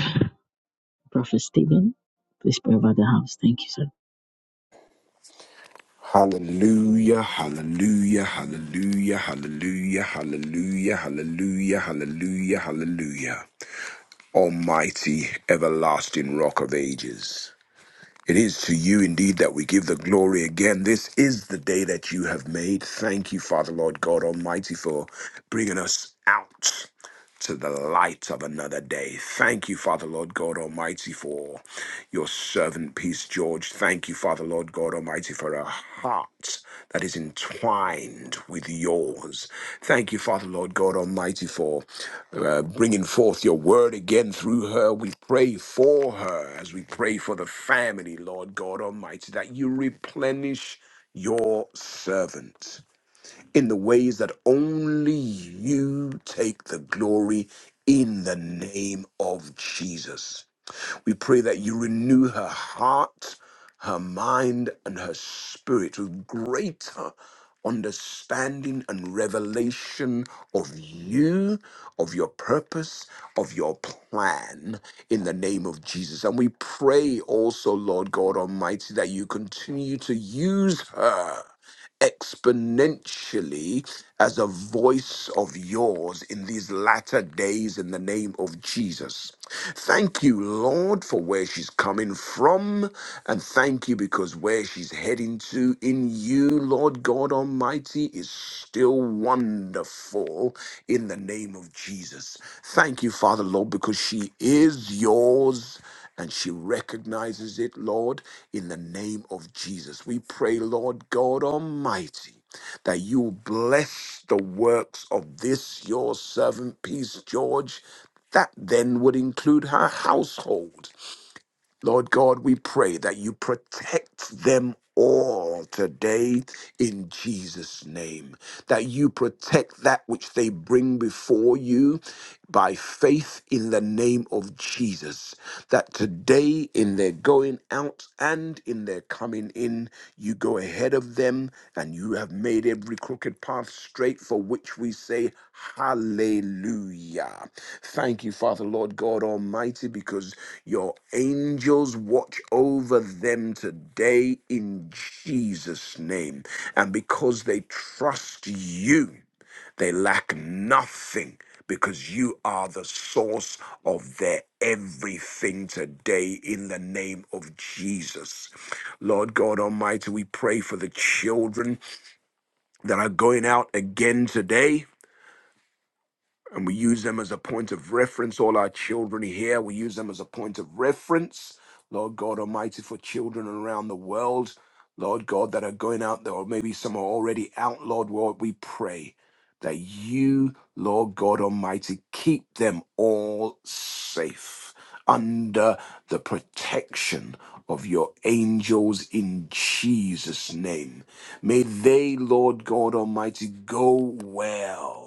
Prophet Stephen, please pray about the house. Thank you, sir. Hallelujah, hallelujah, hallelujah, hallelujah, hallelujah, hallelujah, hallelujah, hallelujah. Almighty, everlasting rock of ages. It is to you indeed that we give the glory again. This is the day that you have made. Thank you, Father, Lord God Almighty, for bringing us out to the light of another day. Thank you, Father, Lord God Almighty, for your servant, Peace George. Thank you, Father, Lord. Lord God Almighty, for a heart that is entwined with yours. Thank you, Father, Lord God Almighty, for uh, bringing forth your word again through her. We pray for her as we pray for the family, Lord God Almighty, that you replenish your servant in the ways that only you take the glory in the name of Jesus. We pray that you renew her heart, her mind, and her spirit with greater understanding and revelation of you, of your purpose, of your plan in the name of Jesus. And we pray also, Lord God Almighty, that you continue to use her exponentially as a voice of yours in these latter days in the name of Jesus. Thank you, Lord, for where she's coming from. And thank you because where she's heading to in you, Lord God Almighty, is still wonderful in the name of Jesus. Thank you, Father, Lord, because she is yours and she recognizes it, Lord, in the name of Jesus. We pray, Lord God Almighty, that you bless the works of this your servant, Peace George, that then would include her household. Lord God, we pray that you protect them all today in Jesus' name, that you protect that which they bring before you by faith in the name of Jesus, that today in their going out and in their coming in, you go ahead of them and you have made every crooked path straight for which we say, Hallelujah. Thank you, Father, Lord God Almighty, because your angels watch over them today in Jesus' name. And because they trust you, they lack nothing because you are the source of their everything today in the name of Jesus. Lord God Almighty, we pray for the children that are going out again today and we use them as a point of reference. All our children here, we use them as a point of reference, Lord God Almighty, for children around the world, Lord God, that are going out there, or maybe some are already out, Lord God, we pray that you, Lord God Almighty, keep them all safe under the protection of your angels in Jesus' name. May they, Lord God Almighty, go well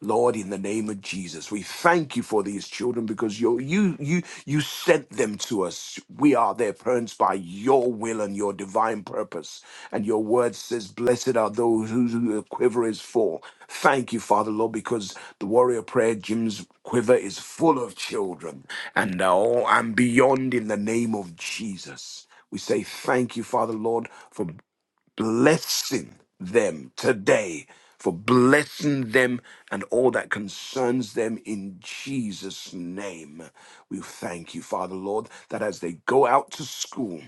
Lord, in the name of Jesus, we thank you for these children because you you you you sent them to us. We are their parents by your will and your divine purpose. And your word says, Blessed are those whose who the quiver is full. Thank you, Father Lord, because the warrior prayer Jim's quiver is full of children and now and beyond in the name of Jesus. We say thank you, Father Lord, for blessing them today, for blessing them and all that concerns them in Jesus' name. We thank you, Father Lord, that as they go out to school,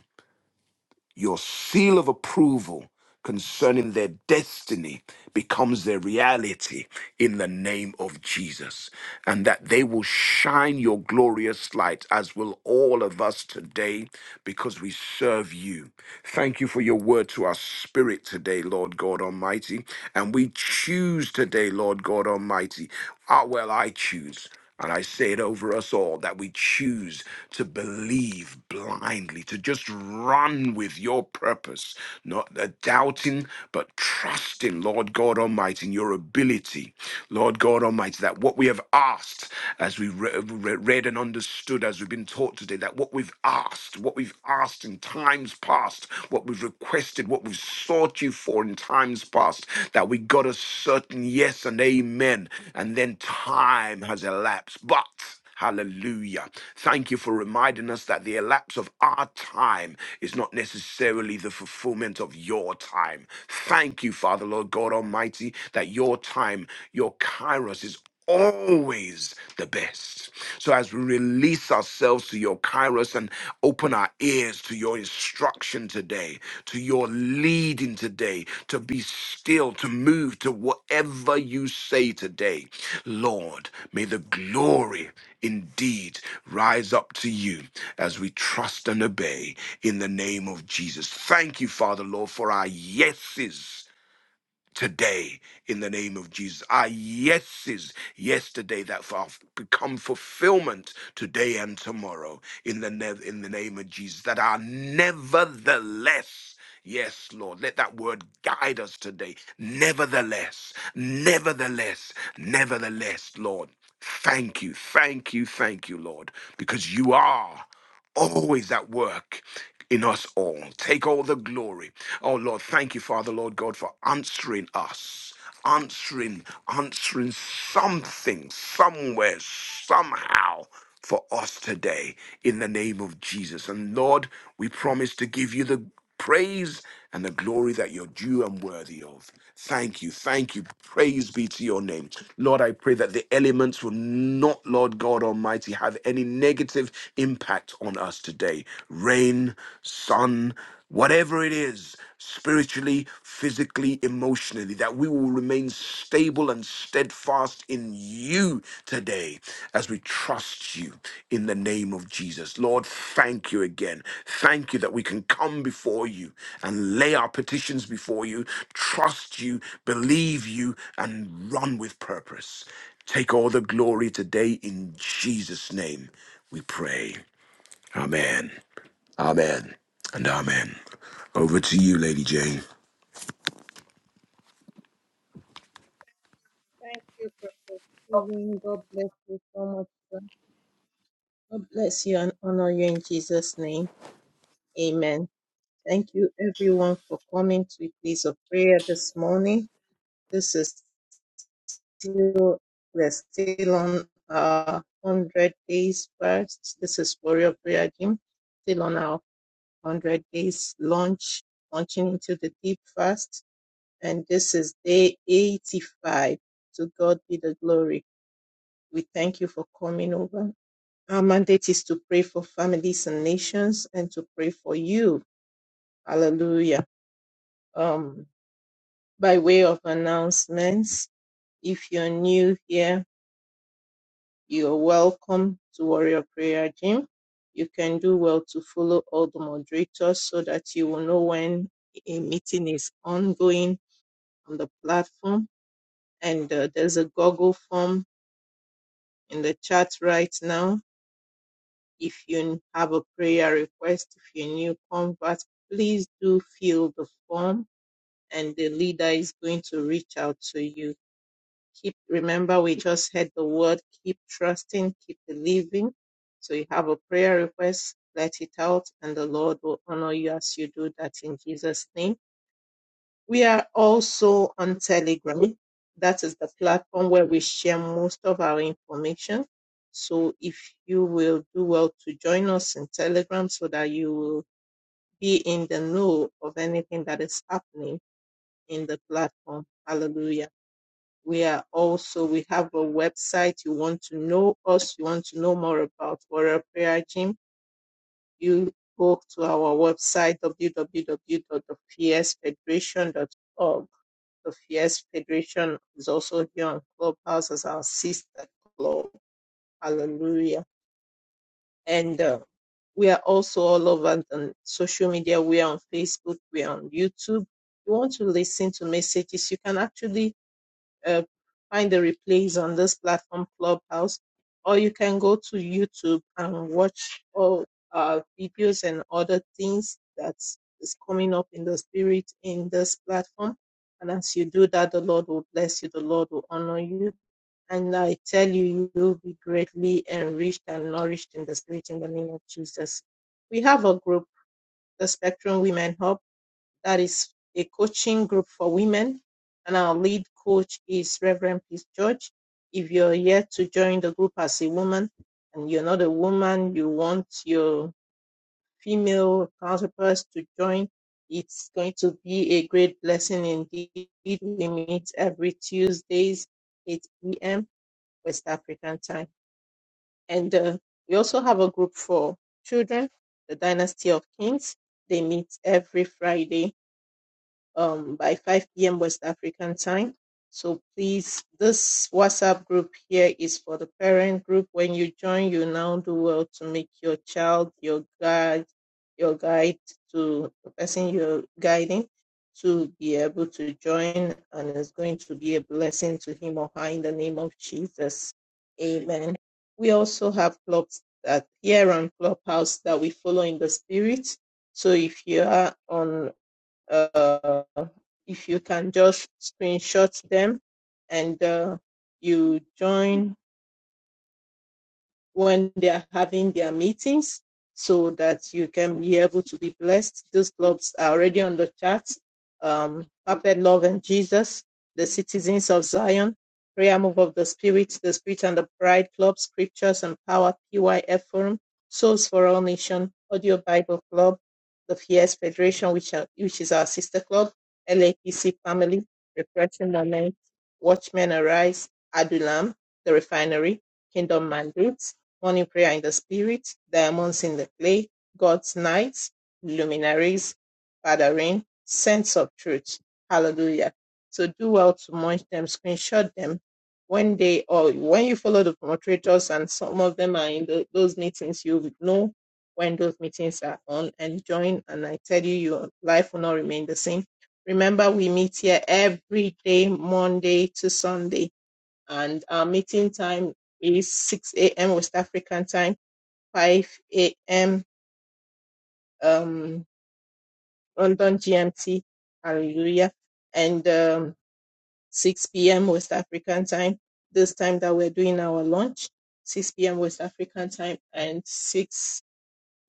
your seal of approval concerning their destiny becomes their reality in the name of Jesus. And that they will shine your glorious light, as will all of us today, because we serve you. Thank you for your word to our spirit today, Lord God Almighty. And we choose today, Lord God Almighty. Ah, well, I choose. And I say it over us all that we choose to believe blindly, to just run with your purpose, not uh, doubting, but trusting, Lord God Almighty, in your ability, Lord God Almighty, that what we have asked, as we re- re- read and understood, as we've been taught today, that what we've asked, what we've asked in times past, what we've requested, what we've sought you for in times past, that we got a certain yes and amen, and then time has elapsed. But Hallelujah. Thank you for reminding us that the elapse of our time is not necessarily the fulfillment of your time. Thank you, Father, Lord God Almighty, that your time, your kairos, is always the best. So as we release ourselves to your kairos and open our ears to your instruction today, to your leading today, to be still, to move to whatever you say today, Lord, may the glory indeed rise up to you as we trust and obey in the name of Jesus. Thank you, Father, Lord, for our yeses today in the name of Jesus. Our yeses yesterday that have become fulfillment today and tomorrow in the ne- in the name of Jesus. That are nevertheless. Yes, Lord, let that word guide us today. Nevertheless, nevertheless, nevertheless, Lord, thank you, thank you, thank you, Lord, because you are always at work in us all. Take all the glory. Oh Lord, thank you, Father, Lord God, for answering us. Answering, answering something, somewhere, somehow for us today in the name of Jesus. And Lord, we promise to give you the praise and the glory that you're due and worthy of. Thank you. Thank you. Praise be to your name. Lord, I pray that the elements will not, Lord God Almighty, have any negative impact on us today. Rain, sun, whatever it is, spiritually, physically, emotionally, that we will remain stable and steadfast in you today as we trust you in the name of Jesus. Lord, thank you again. Thank you that we can come before you and lay our petitions before you, trust you, believe you, and run with purpose. Take all the glory today in Jesus' name, we pray. Amen. Amen. And amen. Over to you, Lady Jane. Thank you, Prophet Stephen. God bless you so much. God bless you and honor you in Jesus' name. Amen. Thank you, everyone, for coming to a place of prayer this morning. This is still, we're still on our 100 days fast. This is Warrior Prayer Gym, still on our 100 days launch, launching into the deep fast. And this is day 85. To God be the glory. We thank you for coming over. Our mandate is to pray for families and nations and to pray for you. Hallelujah. Um, by way of announcements, if you're new here, you're welcome to Warrior Prayer Gym. You can do well to follow all the moderators so that you will know when a meeting is ongoing on the platform. And uh, there's a Google form in the chat right now If you have a prayer request, if you're a new convert, please do fill the form and the leader is going to reach out to you. Keep, remember we just heard the word, keep trusting, keep believing. So you have a prayer request, let it out and the Lord will honor you as you do that in Jesus' name we are also on Telegram. That is the platform where we share most of our information. So if you will do well to join us in Telegram so that you will be in the know of anything that is happening in the platform. Hallelujah. We are also, we have a website. You want to know us, you want to know more about Warrior Prayer Gym, you go to our website, w w w dot the fierce federation dot org. The Fierce Federation is also here on Clubhouse as our sister club. Hallelujah. And uh, we are also all over on social media. We are on Facebook. We are on YouTube. you want to listen to messages, you can actually uh, find the replays on this platform, Clubhouse, or you can go to YouTube and watch all our videos and other things that is coming up in the spirit in this platform. And as you do that, the Lord will bless you, the Lord will honor you. And I tell you, you will be greatly enriched and nourished in the spirit in the name of Jesus. We have a group, the Spectrum Women Hub that is a coaching group for women. And our lead coach is Reverend Peace George. If you're yet to join the group as a woman and you're not a woman, you want your female counterparts to join, it's going to be a great blessing indeed. We meet every Tuesdays, 8 p.m. West African time. And uh, we also have a group for children, the Dynasty of Kings. They meet every Friday um, by 5 p.m. West African time. So please, this WhatsApp group here is for the parent group. When you join, you now do well to make your child your guide, your guide to the person you're guiding to be able to join, and it's going to be a blessing to him or her in the name of Jesus. Amen. We also have clubs that here on Clubhouse that we follow in the spirit. So if you are on uh, if you can just screenshot them and uh, you join when they are having their meetings so that you can be able to be blessed. Those clubs are already on the chat. Um, Puppet Love and Jesus, the Citizens of Zion, Prayer Move of the Spirit, the Spirit and the Pride Club, Scriptures and Power, PYF Forum, Souls for All Nation, Audio Bible Club, the Fierce Federation, which, are, which is our sister club, LAPC Family, Refreshing Moment, Watchmen Arise, Adulam, The Refinery, Kingdom Mandates, morning prayer in the spirit, diamonds in the clay, God's nights, luminaries, gathering, sense of truth. Hallelujah. So do well to munch them, screenshot them. When they or when you follow the moderators and some of them are in tho- those meetings, you will know when those meetings are on and join. And I tell you, your life will not remain the same. Remember, we meet here every day, Monday to Sunday and our meeting time is 6 a.m. West African time, 5 a.m. Um, London GMT, hallelujah, and um, 6 p.m. West African time. This time that we're doing our lunch, 6 p.m. West African time and 6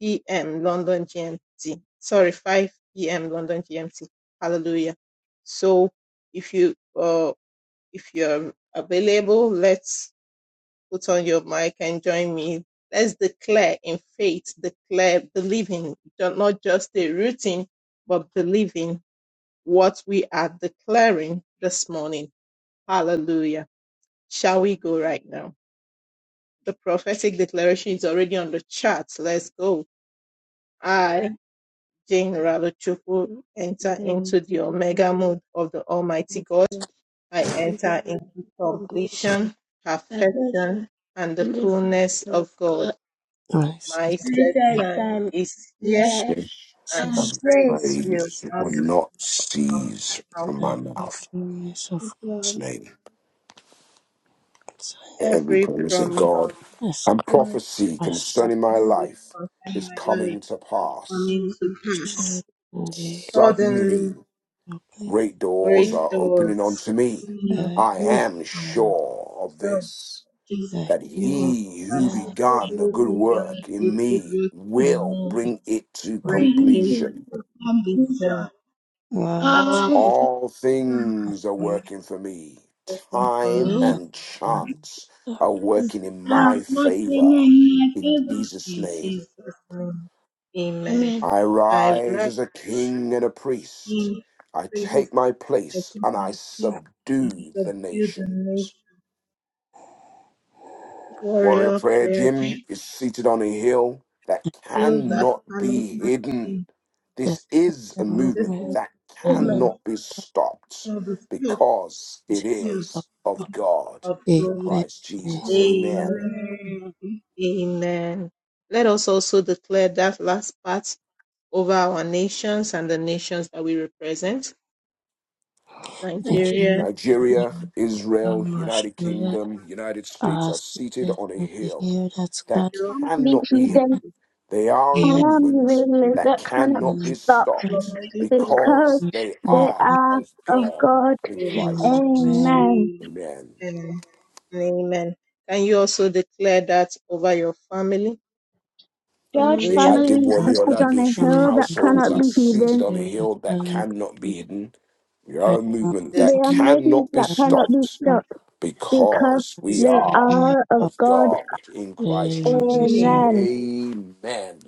p.m. London GMT. Sorry, 5 p.m. London GMT. Hallelujah. So if you uh, if you're available, let's put on your mic and join me. Let's declare in faith, declare believing, not just a routine, but believing what we are declaring this morning. Hallelujah. Shall we go right now? The prophetic declaration is already on the chart. Let's go. I, Jane Ralochukwu, enter into the omega mode of the Almighty God. I enter into completion, perfection, and the fullness of God. Blessed My set Set time is is at and Jesus, and praise will last not from cease from my mouth. fullness of His name. God's Every every promise of promise, God as and every prophecy Christ concerning my prophecy life concerning is my life coming to is pass. coming to pass. said in the equity Suddenly, Suddenly, of great doors great are doors opening unto me. opening up I for me. am I have sure of God, this please the that hero he who of particular began a good be done work a in good me work in will me, it bring it to from breaking completion undeserved God all All things are working for me. for Time me. and and chance the are people. working in What my my favor. In favor. Jesus' In name, Jesus' name, amen. Amen. I I rise write. as a king and a priest. in I praises take my that place you and I can see and subdue to the build the nation nations. Warrior warrior Prayer prayer Gym to is seated on a hill that him build and the that cannot family be him hidden. in that not This eating is a the this movement movement that and of the movement cannot be stopped shall be filled because it authority with of is the God. of peace God of in God. Amen. Christ And Jesus. Amen. Amen. Amen. Let us also declare that last part over our nations and the nations that we represent. Nigeria, you, Nigeria, Israel, Mr. United Australia. Kingdom, United States are are seated seated on a on the hill hill that that carries Family cannot be hidden hidden. They are a their movement family that that kind of cannot be own stuff reflections. stopped Nigeria, because because they they The are land are of of God God. in is Christ a Jesus. mere Amen. Amen. Amen. And amen. Can you also declare that over your family? George The Hallelujah. family is Adewale listed fabric on a Oladosu family hill that households cannot are be seated on seated hidden. the on a hill that hill that cannot cannot be be hidden. We are their a own movement This They that are mind maidens cannot be that cannot cannot be stopped stop stopped because because the we they are stain are of of of God. God in Christ a Jesus. mere amen Amen. Amen.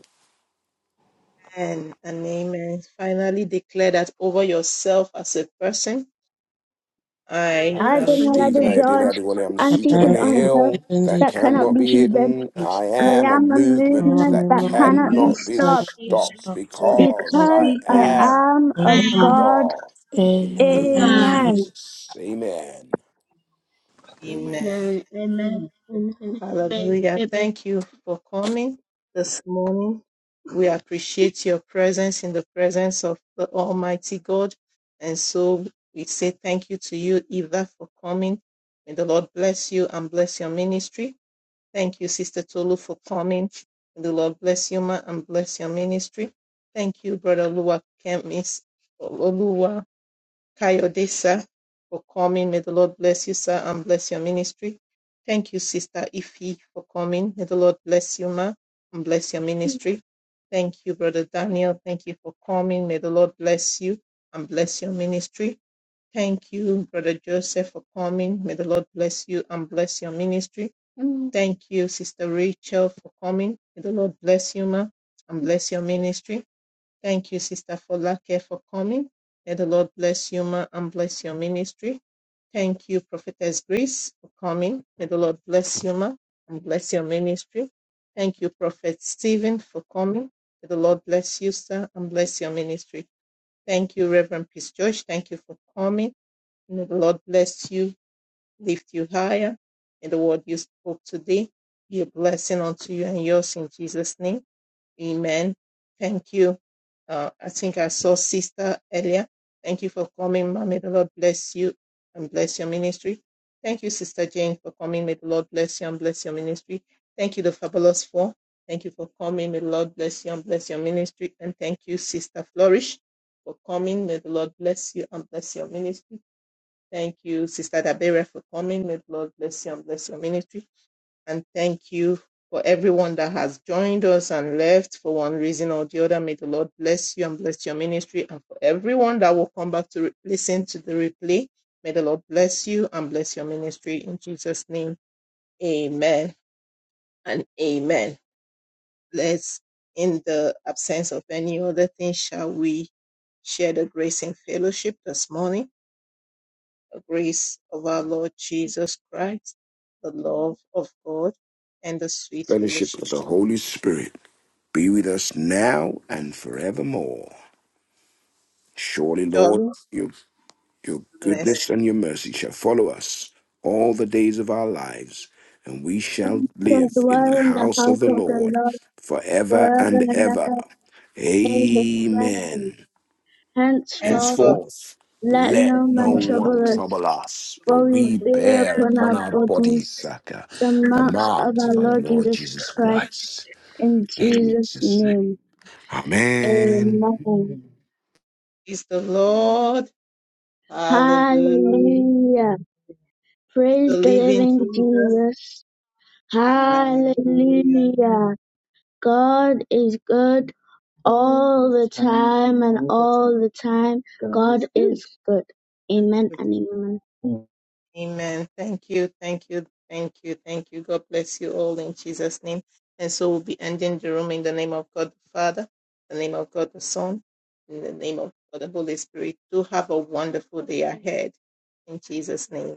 and amen. Finally, declare that over yourself as a person. I I, am to Adonai Stephen, the I change. dearly George, everyone, I'm A and seated on seated land a on a hill seated hill on [LAUGHS] the that hill that cannot cannot be be hidden. hidden. with I I am a am a movement movement that army that cannot movement be that cannot be cannot stopped of stopped stopped because because because I I am am of I am God. God. In the a name of man. Amen. Jesus, amen. Amen. Amen. Amen. Amen. Amen. Hallelujah. Amen. Thank you for coming this morning. We appreciate your presence in the presence of the Almighty God. And so we say thank you to you, Eva, for coming. May the Lord bless you and bless your ministry. Thank you, Sister Tolu, for coming. May the Lord bless you, ma, and bless your ministry. Thank you, Brother Lua Kemis, Kayode, sir, for coming. May the Lord bless you, sir, and bless your ministry. Thank you, Sister Ife, for coming. May the Lord bless you, ma, and bless your ministry. Thank you, Brother Daniel. Thank you for coming. May the Lord bless you and bless your ministry. Thank you, Brother Joseph, for coming. May the Lord bless you and bless your ministry. Mm. Thank you, Sister Rachel, for coming. May the Lord bless you, ma, and bless your ministry. Thank you, Sister Folake, for coming. May the Lord bless you ma, and bless your ministry. Thank you, Prophetess Grace, for coming. May the Lord bless you ma, and bless your ministry. Thank you, Prophet Stephen, for coming. May the Lord bless you, sir, and bless your ministry. Thank you, Reverend Peace George. Thank you for coming. May the Lord bless you, lift you higher. May the word you spoke today be a blessing unto you and yours in Jesus' name. Amen. Thank you. Uh, I think I saw Sister earlier. Thank you for coming, ma. May the Lord bless you and bless your ministry. Thank you, Sister Jane, for coming. May the Lord bless you and bless your ministry. Thank you, the Fabulous Four. Thank you for coming. May the Lord bless you and bless your ministry. And thank you, Sister Flourish, for coming. May the Lord bless you and bless your ministry. Thank you, Sister Dabera, for coming. May the Lord bless you and bless your ministry and thank you for everyone that has joined us and left for one reason or the other. May the Lord bless you and bless your ministry. And for everyone that will come back to re- listen to the replay, may the Lord bless you and bless your ministry in Jesus' name. Amen and amen. Let's, in the absence of any other thing, shall we share the grace in fellowship this morning? The grace of our Lord Jesus Christ, the love of God, and the sweet Fellowship fellowship of the of Holy Spirit be with us now and forevermore. Surely, God. Lord, your Your Bless. goodness and your mercy shall follow us all the days of our lives, and we shall Because live The in the word in the house of house the of the Lord Lord forever forever and and ever. ever. Amen. Amen. Thanks for Henceforth, Henceforth, let let no no man testimony. one trouble us, trouble us, for for we we bear bear upon upon our our bodies bodies, Saka, the the marks of marks our of our Lord Lord Jesus Jesus Christ. Christ. In In Jesus' Jesus' name. name. Amen. Amen. It's the Lord. Hallelujah. Hallelujah. It's the Praise the living living Jesus. Jesus. Hallelujah. Hallelujah. God is good all the time and all the time. God is good. Amen and amen. Amen. Thank you. Thank you. Thank you. Thank you. God bless you all in Jesus' name. And so we'll be ending the room in the name of God the Father, the name of God the Son, in the name of God the Holy Spirit. Do have a wonderful day ahead in Jesus' name.